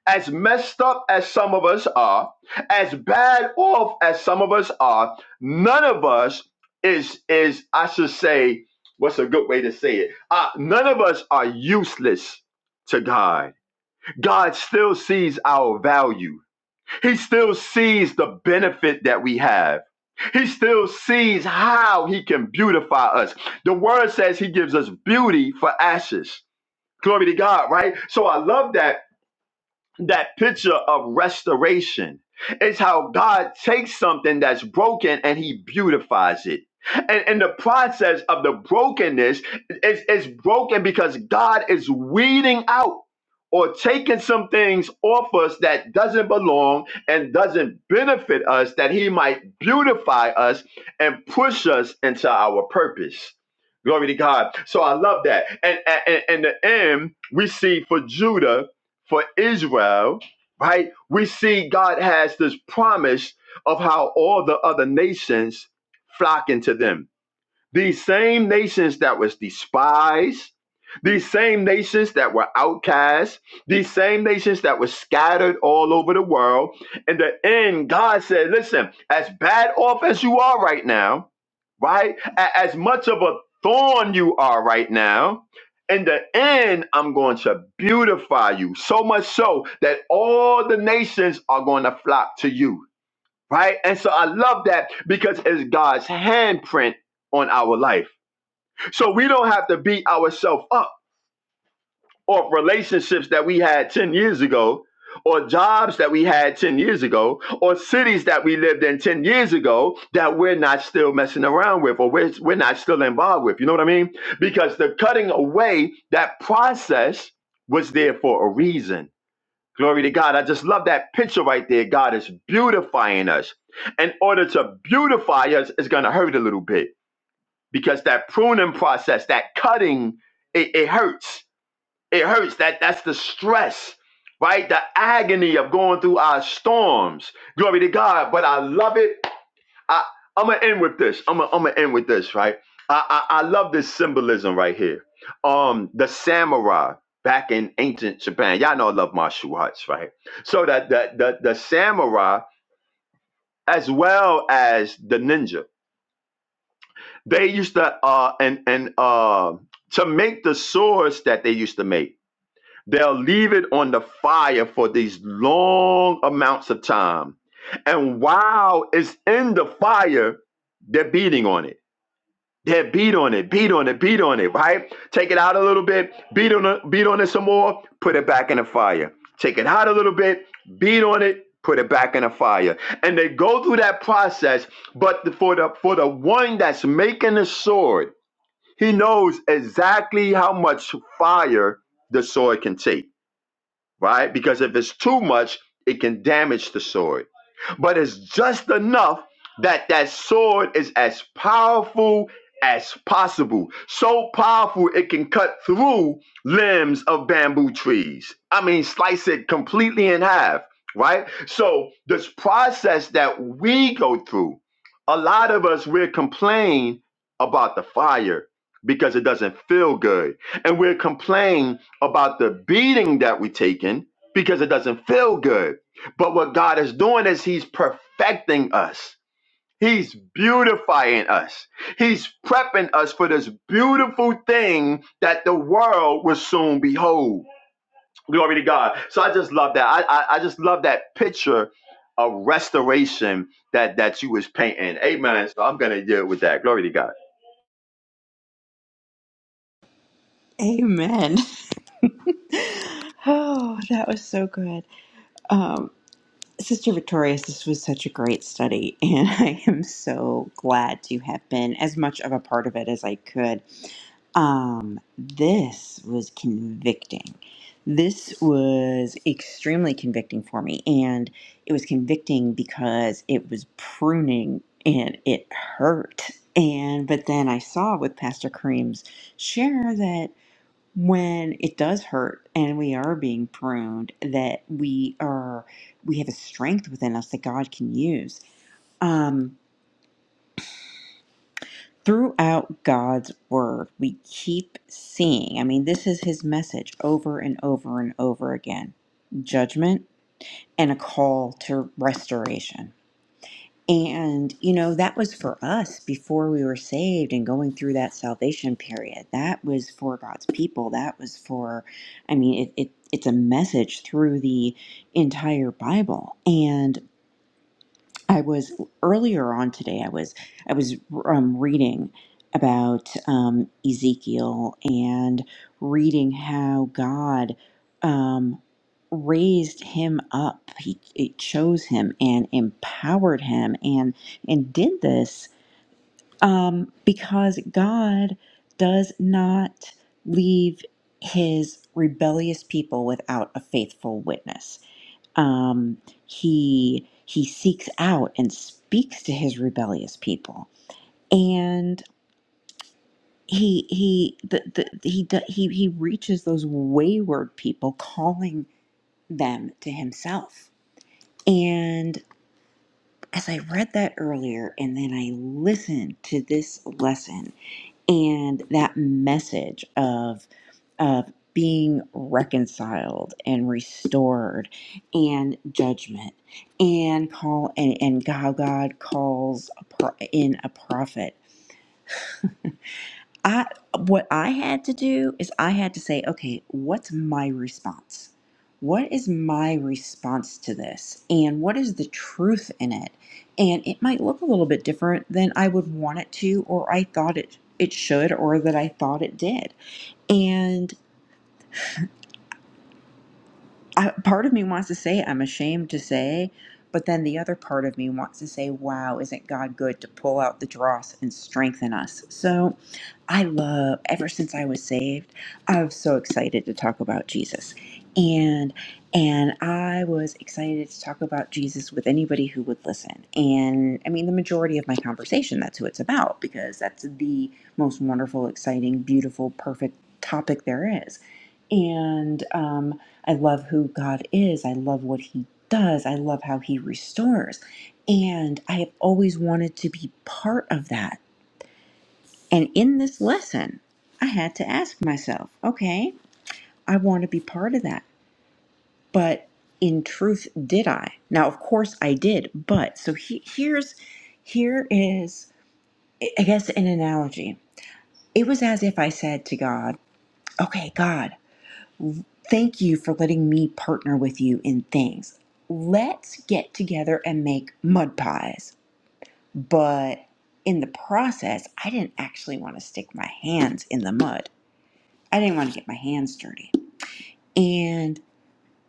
B: as messed up as some of us are, as bad off as some of us are, none of us is is I should say, what's a good way to say it? Uh, none of us are useless to God. God still sees our value. He still sees the benefit that we have. He still sees how he can beautify us. The word says he gives us beauty for ashes. Glory to God, right? So I love that that picture of restoration. It's how God takes something that's broken and he beautifies it. And in the process of the brokenness, it's, it's broken because God is weeding out or taking some things off us that doesn't belong and doesn't benefit us, that he might beautify us and push us into our purpose. Glory to God. So I love that. And in the end, we see for Judah for Israel, right? We see God has this promise of how all the other nations flock into them these same nations that was despised, these same nations that were outcast, these same nations that were scattered all over the world. In the end, God said, listen, as bad off as you are right now, right? A- As much of a thorn you are right now, in the end, I'm going to beautify you so much so that all the nations are going to flock to you right? And so I love that because it's God's handprint on our life. So we don't have to beat ourselves up or relationships that we had 10 years ago or jobs that we had 10 years ago or cities that we lived in 10 years ago that we're not still messing around with or we're, we're not still involved with. You know what I mean? Because the cutting away, that process was there for a reason Glory to God. I just love that picture right there. God is beautifying us. In order to beautify us, it's going to hurt a little bit because that pruning process, that cutting, it, it hurts. It hurts. That That's the stress, right? The agony of going through our storms. Glory to God. But I love it I, I'm gonna end with this. I'm gonna, I'm gonna end with this, right? I, I, I love this symbolism right here. Um, the samurai back in ancient Japan. Y'all know I love martial arts, right? So that the the, the samurai as well as the ninja, they used to uh and and uh to make the swords that they used to make, they'll leave it on the fire for these long amounts of time. And while it's in the fire, they're beating on it Yeah, beat on it, beat on it, beat on it, right? Take it out a little bit, beat on it, beat on it some more, put it back in the fire. Take it out a little bit, beat on it, put it back in the fire. And they go through that process, but for the for the one that's making the sword, he knows exactly how much fire the sword can take right? Because if it's too much, it can damage the sword. But it's just enough that that sword is as powerful as possible. So powerful it can cut through limbs of bamboo trees. I mean, slice it completely in half, right? So this process that we go through, a lot of us we're complaining about the fire because it doesn't feel good. And we are complaining about the beating that we taken because it doesn't feel good. But what God is doing is He's perfecting us. He's beautifying us. He's prepping us for this beautiful thing that the world will soon behold. Glory to God. So I just love that. I, I, I just love that picture of restoration that that you was painting. Amen. So I'm gonna deal with that. Glory to God.
C: Amen. (laughs) Oh, that was so good. Um, Sister Victorious, this was such a great study, (laughs) and I am so glad to have been as much of a part of it as I could. Um, this was convicting. This was extremely convicting for me, and it was convicting because it was pruning and it hurt. And but then I saw with Pastor Kareem's share that when it does hurt and we are being pruned that we are we have a strength within us that god can use um throughout god's word we keep seeing i mean this is his message over and over and over again judgment and a call to restoration And, you know, that was for us before we were saved and going through that salvation period. That was for God's people. That was for, I mean, it, it, it's a message through the entire Bible. And I was earlier on today. I was I was um, reading about um, Ezekiel and reading how God um, raised him up. He it chose him and empowered him, and and did this um, because God does not leave His rebellious people without a faithful witness um, he he seeks out and speaks to his rebellious people and he he the, the, he do- he he reaches those wayward people calling them to himself and as i read that earlier and then i listened to this lesson and that message of of being reconciled and restored and judgment and call and, and how god calls a pro- in a prophet i what i had to do is i had to say okay what's my response what is my response to this and what is the truth in it and it might look a little bit different than i would want it to or i thought it it should or that i thought it did and I, part of me wants to say I'm ashamed to say, but then the other part of me wants to say, wow, isn't God good to pull out the dross and strengthen us? So I love, ever since I was saved, I was so excited to talk about Jesus. And and I was excited to talk about Jesus with anybody who would listen. And I mean, the majority of my conversation, that's who it's about because that's the most wonderful, exciting, beautiful, perfect topic there is. And, um I love who God is. I love what He does. I love how He restores. And I have always wanted to be part of that. And in this lesson, I had to ask myself, okay, I want to be part of that. But in truth, did I? Now, of course I did. But so he, here's, here is, I guess, an analogy. It was as if I said to God, okay, God, Thank you for letting me partner with you in things. Let's get together and make mud pies. But in the process, I didn't actually want to stick my hands in the mud. I didn't want to get my hands dirty. And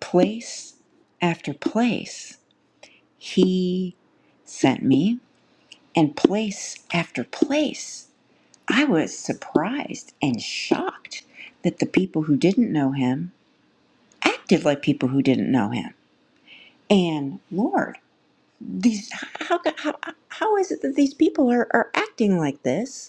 C: place after place, he sent me. And place after place, I was surprised and shocked that the people who didn't know him acted like people who didn't know him. And Lord, these how how how is it that these people are are acting like this?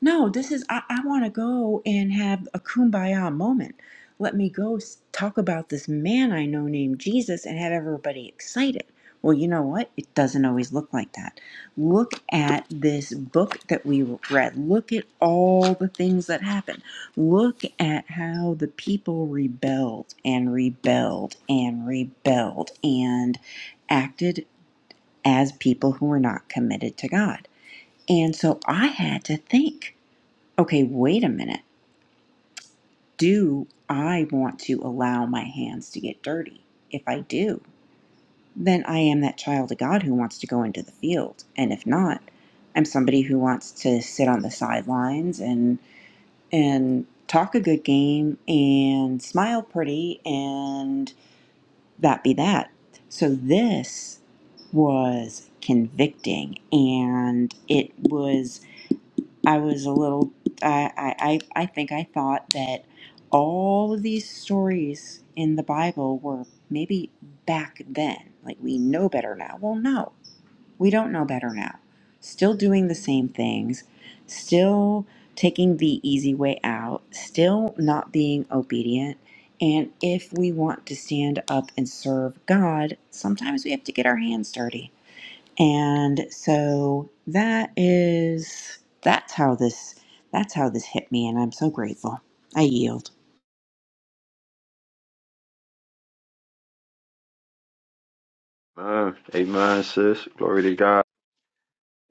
C: No, this is, I, I want to go and have a kumbaya moment. Let me go s- talk about this man I know named Jesus and have everybody excited. Well, you know what? It doesn't always look like that. Look at this book that we read. Look at all the things that happened. Look at how the people rebelled and rebelled and rebelled and acted as people who were not committed to God. And so I had to think okay, wait a minute. Do I want to allow my hands to get dirty? If I do, then I am that child of God who wants to go into the field. And if not, I'm somebody who wants to sit on the sidelines and and talk a good game and smile pretty and that be that. So this was convicting and it was I was a little, I, I, I I think I thought that all of these stories in the Bible were maybe back then. Like we know better now. Well, no, we don't know better now. Still doing the same things, still taking the easy way out, still not being obedient. And if we want to stand up and serve God, sometimes we have to get our hands dirty and so that is that's how this that's how this hit me and I'm so grateful. I yield.
B: Amen. Amen, sis. Glory to God.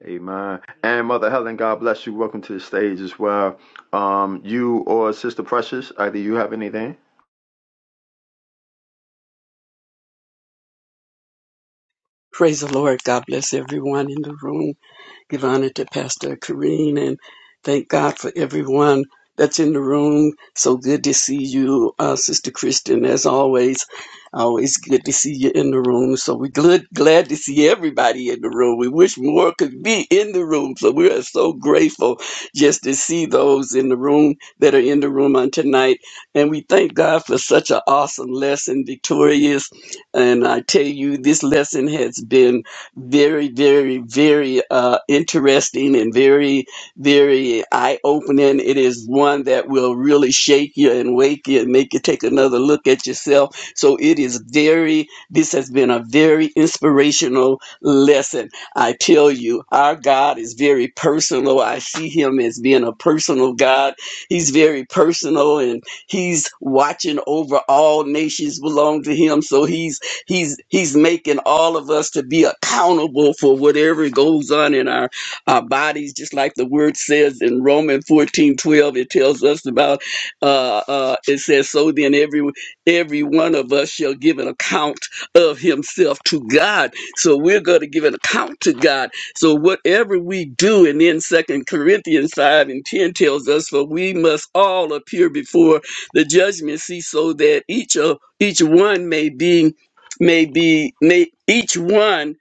B: Amen. And Mother Helen, God bless you. Welcome to the stage as well. Um, you or Sister Precious, either you have anything?
D: Praise the Lord. God bless everyone in the room give honor to Pastor Kareen and thank God for everyone that's in the room. So good to see you, uh, Sister Christian, as always. Always good to see you in the room. So we're glad, glad to see everybody in the room. We wish more could be in the room. So we are so grateful just to see those in the room that are in the room on tonight. And we thank God for such an awesome lesson, Victorious. And I tell you, this lesson has been very, very, very uh, interesting and very, very eye opening. It is one that will really shake you and wake you and make you take another look at yourself. So it is very, this has been a very inspirational lesson. I tell you, our God is very personal. I see him as being a personal God. He's very personal and he's watching over all nations belong to him. So he's He's he's making all of us to be accountable for whatever goes on in our, our bodies, just like the word says in Romans 14 12. it tells us about uh, uh, it says, So then every every one of us shall give an account of himself to God. So we're going to give an account to God. So whatever we do, and then Second Corinthians 5 and 10 tells us, For we must all appear before the judgment seat so that each of each one may be may be may each one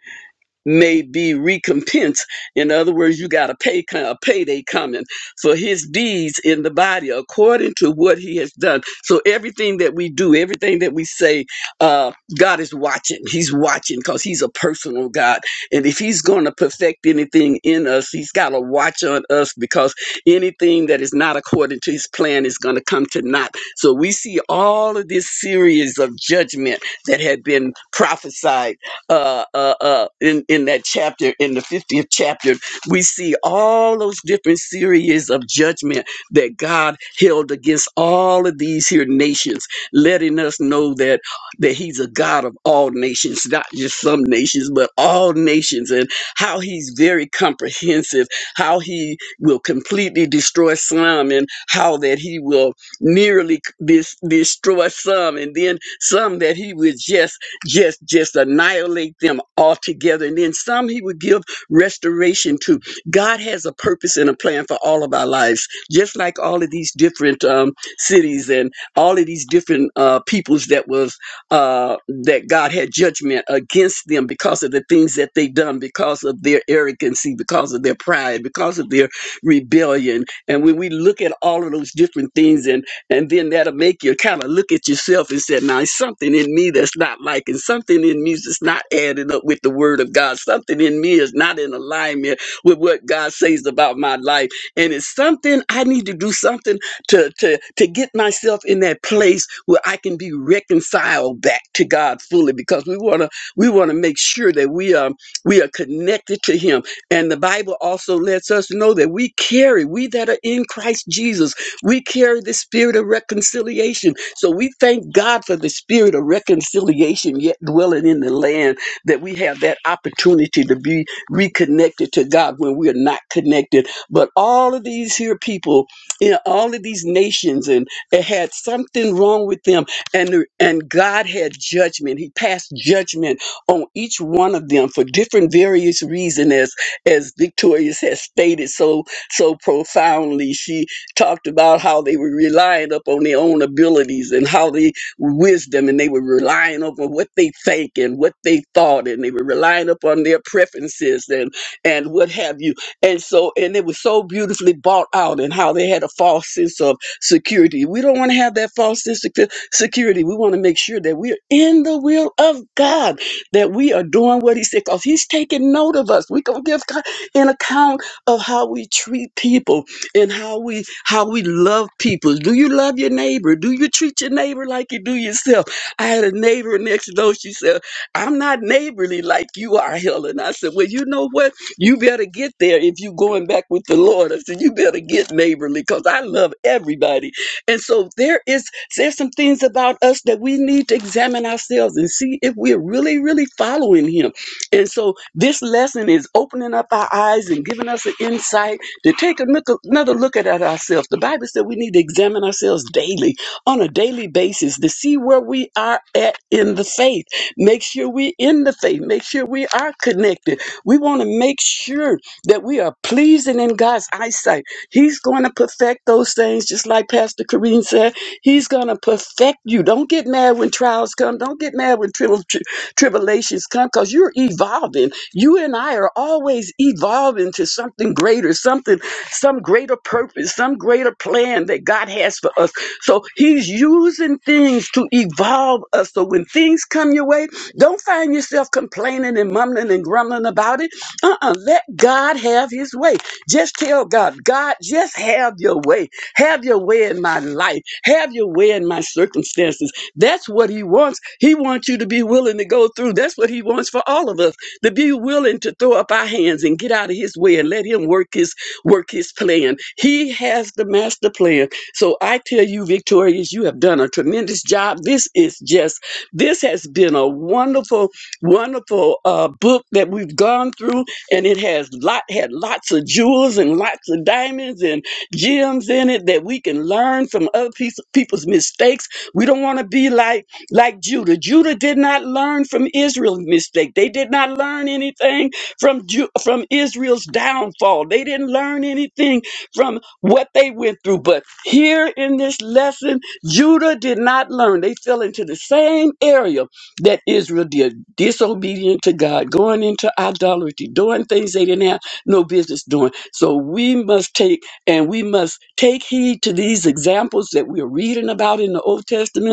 D: may be recompensed. In other words, you got a pay a payday coming for his deeds in the body according to what he has done. So everything that we do, everything that we say, uh, God is watching. He's watching because He's a personal God, and if He's going to perfect anything in us, He's got to watch on us because anything that is not according to His plan is going to come to naught. So we see all of this series of judgment that had been prophesied uh, uh, uh, in, in that chapter, in the 50th chapter, we see all those different series of judgment that God held against all of these here nations, letting us know that, that He's a God of all nations, not just some nations, but all nations, and how He's very comprehensive, how He will completely destroy some, and how that He will nearly c- dis- destroy some, and then some that He would just just just annihilate them altogether and then some he would give restoration to god has a purpose and a plan for all of our lives just like all of these different um, cities and all of these different uh, peoples that was uh, that god had judgment against them because of the things that they done because of their arrogancy because of their pride because of their rebellion and when we look at all of those different things and and then that'll make you kind of look at yourself and say, now, it's something in me that's not like, and something in me that's not adding up with the word of God. Something in me is not in alignment with what God says about my life. And it's something I need to do something to, to, to get myself in that place where I can be reconciled back to God fully because we want to, we want to make sure that we are, we are connected to him. And the Bible also lets us know that we carry, we that are in Christ Jesus, we carry the spirit of reconciliation. So we thank God for the spirit of reconciliation yet dwelling in the land that we have that opportunity to be reconnected to God when we are not connected. But all of these here people, in all of these nations and it had something wrong with them and and God had judgment. He passed judgment on each one of them for different various reasons as as Victorious has stated so so profoundly. She talked about how they were relying up on their own abilities and how they wisdom and they were relying up on what they think and what they thought and they were relying up on their preferences and and what have you and so and it was so beautifully bought out and how they had a false sense of security we don't want to have that false sense of secu- security we want to make sure that we're in the will of god that we are doing what he said because he's taking note of us we're going to give god an account of how we treat people and how we how we love people. Do you love your neighbor? Do you treat your neighbor like you do yourself? I had a neighbor next door. She said, "I'm not neighborly like you are, Helen." I said, "Well, you know what? You better get there if you going back with the Lord." I said, "You better get neighborly because I love everybody." And so there is there's some things about us that we need to examine ourselves and see if we're really really following Him. And so this lesson is opening up our eyes and giving us an insight to take a look, another look at, at ourselves. The Bible said we need to examine ourselves daily, on a daily basis, to see where we are at in the faith. Make sure we're in the faith. Make sure we are connected. We want to make sure that we are pleasing in God's eyesight. He's going to perfect those things, just like Pastor Kareen said. He's going to perfect you. Don't get mad when trials come. Don't get mad when tribul- tri- tribulations come because you're evolving you and I are always evolving to something greater, something, some greater purpose, some greater plan that God has for us. So He's using things to evolve us. So when things come your way, don't find yourself complaining and mumbling and grumbling about it. Uh-uh. Let God have His way. Just tell God, God, just have your way. Have your way in my life. Have your way in my circumstances. That's what He wants. He wants you to be willing to go through. That's what He wants for all of us to be willing to throw up our hands and get out of his way and let him work his work his plan. He has the master plan. So I tell you, Victorious, you have done a tremendous job. This is just this has been a wonderful, wonderful uh, book that we've gone through, and it has lot had lots of jewels and lots of diamonds and gems in it that we can learn from other peop- people's mistakes. We don't want to be like like Judah. Judah did not learn from Israel's mistake. They did not learn anything from Ju- from Israel's downfall. They didn't learn anything from what they went through. But here in this lesson, Judah did not learn. They fell into the same area that Israel did, disobedient to God, going into idolatry, doing things they didn't have no business doing. So we must take and we must take heed to these examples that we're reading about in the Old Testament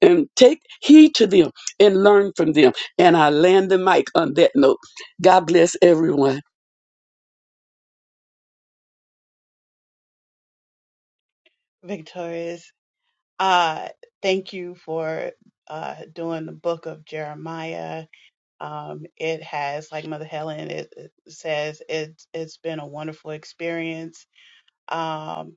D: and take heed to them and learn from them. And I land the mic on that note. God bless everyone.
E: Victorious. Uh, thank you for uh, doing the book of Jeremiah. Um, it has, like Mother Helen it, it says, it, it's been a wonderful experience. Um,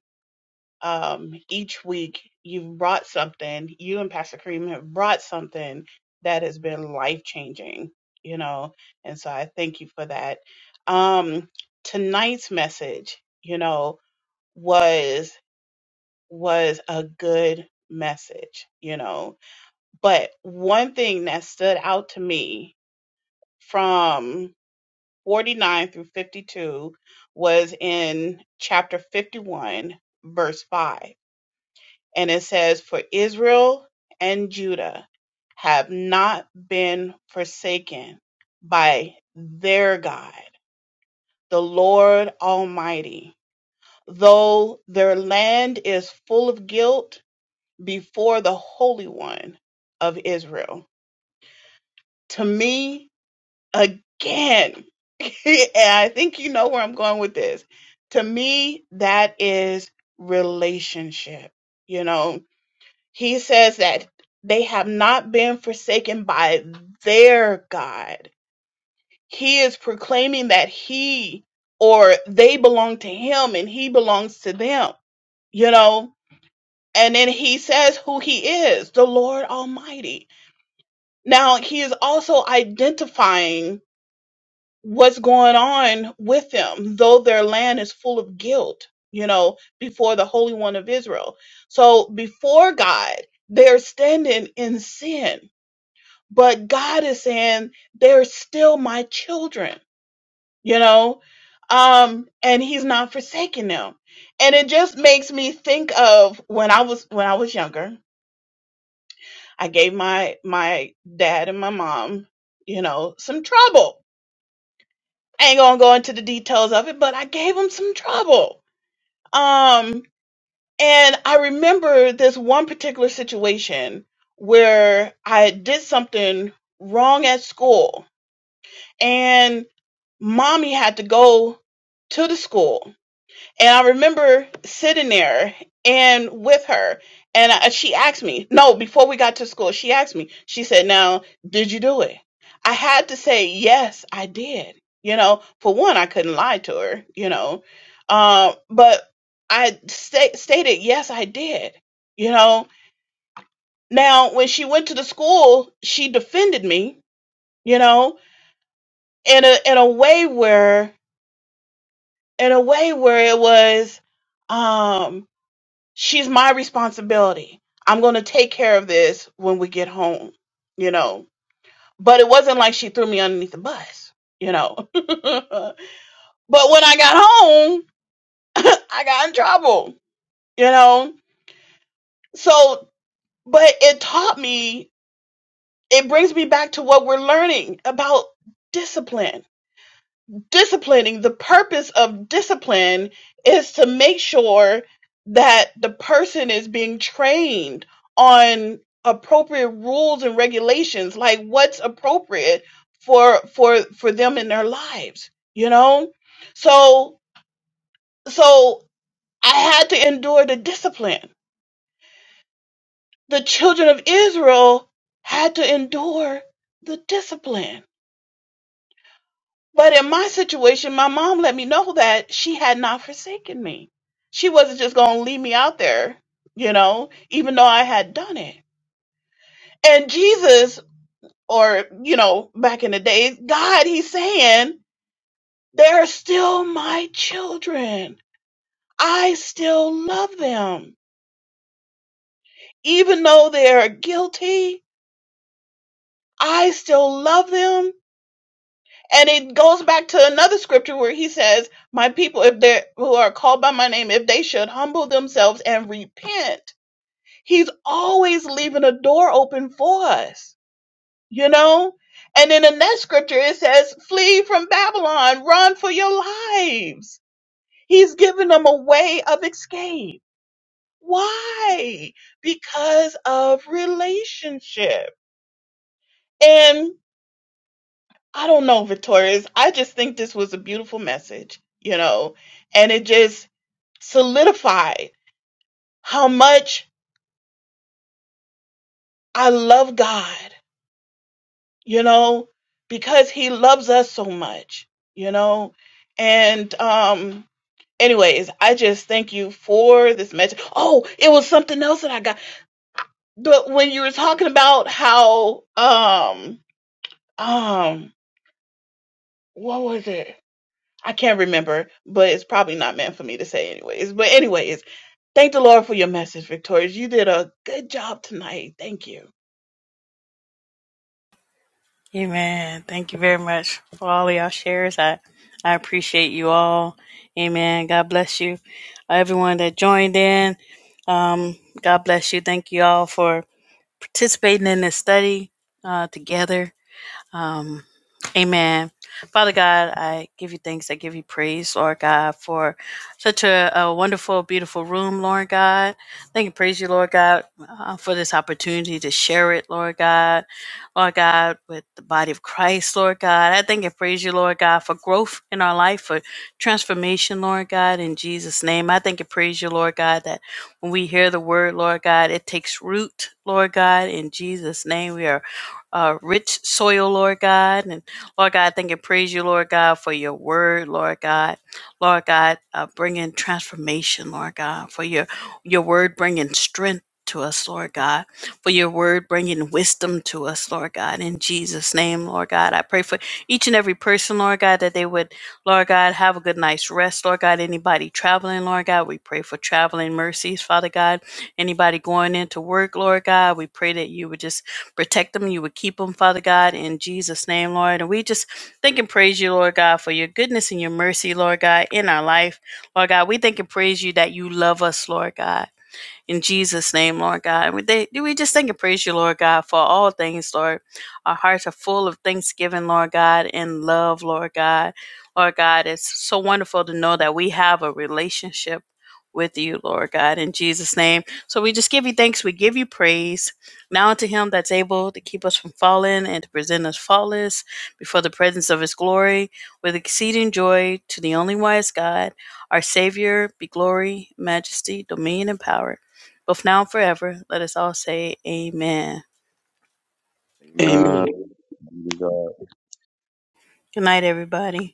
E: um, each week you've brought something, you and Pastor Kareem have brought something that has been life changing, you know, and so I thank you for that. Um, tonight's message, you know, was was a good message, you know. But one thing that stood out to me from 49 through 52 was in chapter 51, verse 5. And it says, For Israel and Judah have not been forsaken by their God, the Lord Almighty. Though their land is full of guilt, before the Holy One of Israel. To me, again, (laughs) and I think you know where I'm going with this. To me, that is relationship. You know, he says that they have not been forsaken by their God. He is proclaiming that he or they belong to him and he belongs to them, you know. And then he says who he is, the Lord Almighty. Now he is also identifying what's going on with them, though their land is full of guilt, you know, before the Holy One of Israel. So before God, they're standing in sin, but God is saying, they're still my children, you know, um, and he's not forsaking them. And it just makes me think of when I was, when I was younger, I gave my, my dad and my mom, you know, some trouble I ain't gonna go into the details of it, but I gave him some trouble. Um, and I remember this one particular situation where I did something wrong at school, and mommy had to go to the school and I remember sitting there and with her, and I, she asked me, no, before we got to school, she asked me, she said, Now, did you do it? I had to say, Yes, I did. You know, for one, I couldn't lie to her, you know, um, but I sta- stated, Yes, I did. You know, now when she went to the school, she defended me, you know, in a, in a way where, in a way where it was, um, she's my responsibility. I'm going to take care of this when we get home, you know. But it wasn't like she threw me underneath the bus, you know. (laughs) but when I got home, (laughs) I got in trouble, you know. So, but it taught me, it brings me back to what we're learning about discipline disciplining the purpose of discipline is to make sure that the person is being trained on appropriate rules and regulations like what's appropriate for for for them in their lives you know so so i had to endure the discipline the children of israel had to endure the discipline But in my situation, my mom let me know that she had not forsaken me. She wasn't just going to leave me out there, you know, even though I had done it. And Jesus, or, you know, back in the days, God, he's saying, they're still my children. I still love them. Even though they are guilty, I still love them And it goes back to another scripture where he says, My people, if they who are called by my name, if they should humble themselves and repent, he's always leaving a door open for us, you know? And in the next scripture, it says, Flee from Babylon, run for your lives. He's giving them a way of escape. Why? Because of relationship. and. I don't know, Victorious. I just think this was a beautiful message, you know, and it just solidified how much I love God, you know, because He loves us so much, you know. And um anyways, I just thank you for this message. Oh, it was something else that I got. But when you were talking about how um um what was it? I can't remember, but it's probably not meant for me to say anyways. But anyways Thank the Lord for your message, Victorious. You did a good job tonight. Thank you.
A: Amen. Thank you very much for all of y'all shares. I, I appreciate you all. Amen. God bless you. Everyone that joined in, um, God bless you. Thank you all for participating in this study uh, together. Um, amen. Father God, I give you thanks. I give you praise, Lord God, for such a, a wonderful, beautiful room, Lord God. Thank and praise you, Lord God, uh, for this opportunity to share it, Lord God. Lord God, with the body of Christ, Lord God. I thank and praise you, Lord God, for growth in our life, for transformation, Lord God, in Jesus' name. I thank and praise you, Lord God, that when we hear the word, Lord God, it takes root, Lord God, in Jesus' name. We are uh, rich soil, Lord God. And Lord God, I thank and praise you, Lord God, for your word, Lord God. Lord God, uh, bringing transformation, Lord God, for your, your word bringing strength. To us, Lord God, for your word bringing wisdom to us, Lord God, in Jesus' name, Lord God. I pray for each and every person, Lord God, that they would, Lord God, have a good night's rest, Lord God. Anybody traveling, Lord God, we pray for traveling mercies, Father God. Anybody going into work, Lord God, we pray that you would just protect them. You would keep them, Father God, in Jesus' name, Lord. And we just thank and praise you, Lord God, for your goodness and your mercy, Lord God, in our life. Lord God, we thank and praise you that you love us, Lord God. In Jesus' name, Lord God. We, they, we just thank and praise you, Lord God, for all things, Lord. Our hearts are full of thanksgiving, Lord God, and love, Lord God. Lord God, it's so wonderful to know that we have a relationship with you, Lord God, in Jesus' name. So we just give you thanks. We give you praise. Now unto him that's able to keep us from falling and to present us faultless before the presence of his glory with exceeding joy to the only wise God, our Savior, be glory, majesty, dominion, and power both now and forever. Let us all say amen.
D: Amen.
B: Amen.
A: Good night, everybody.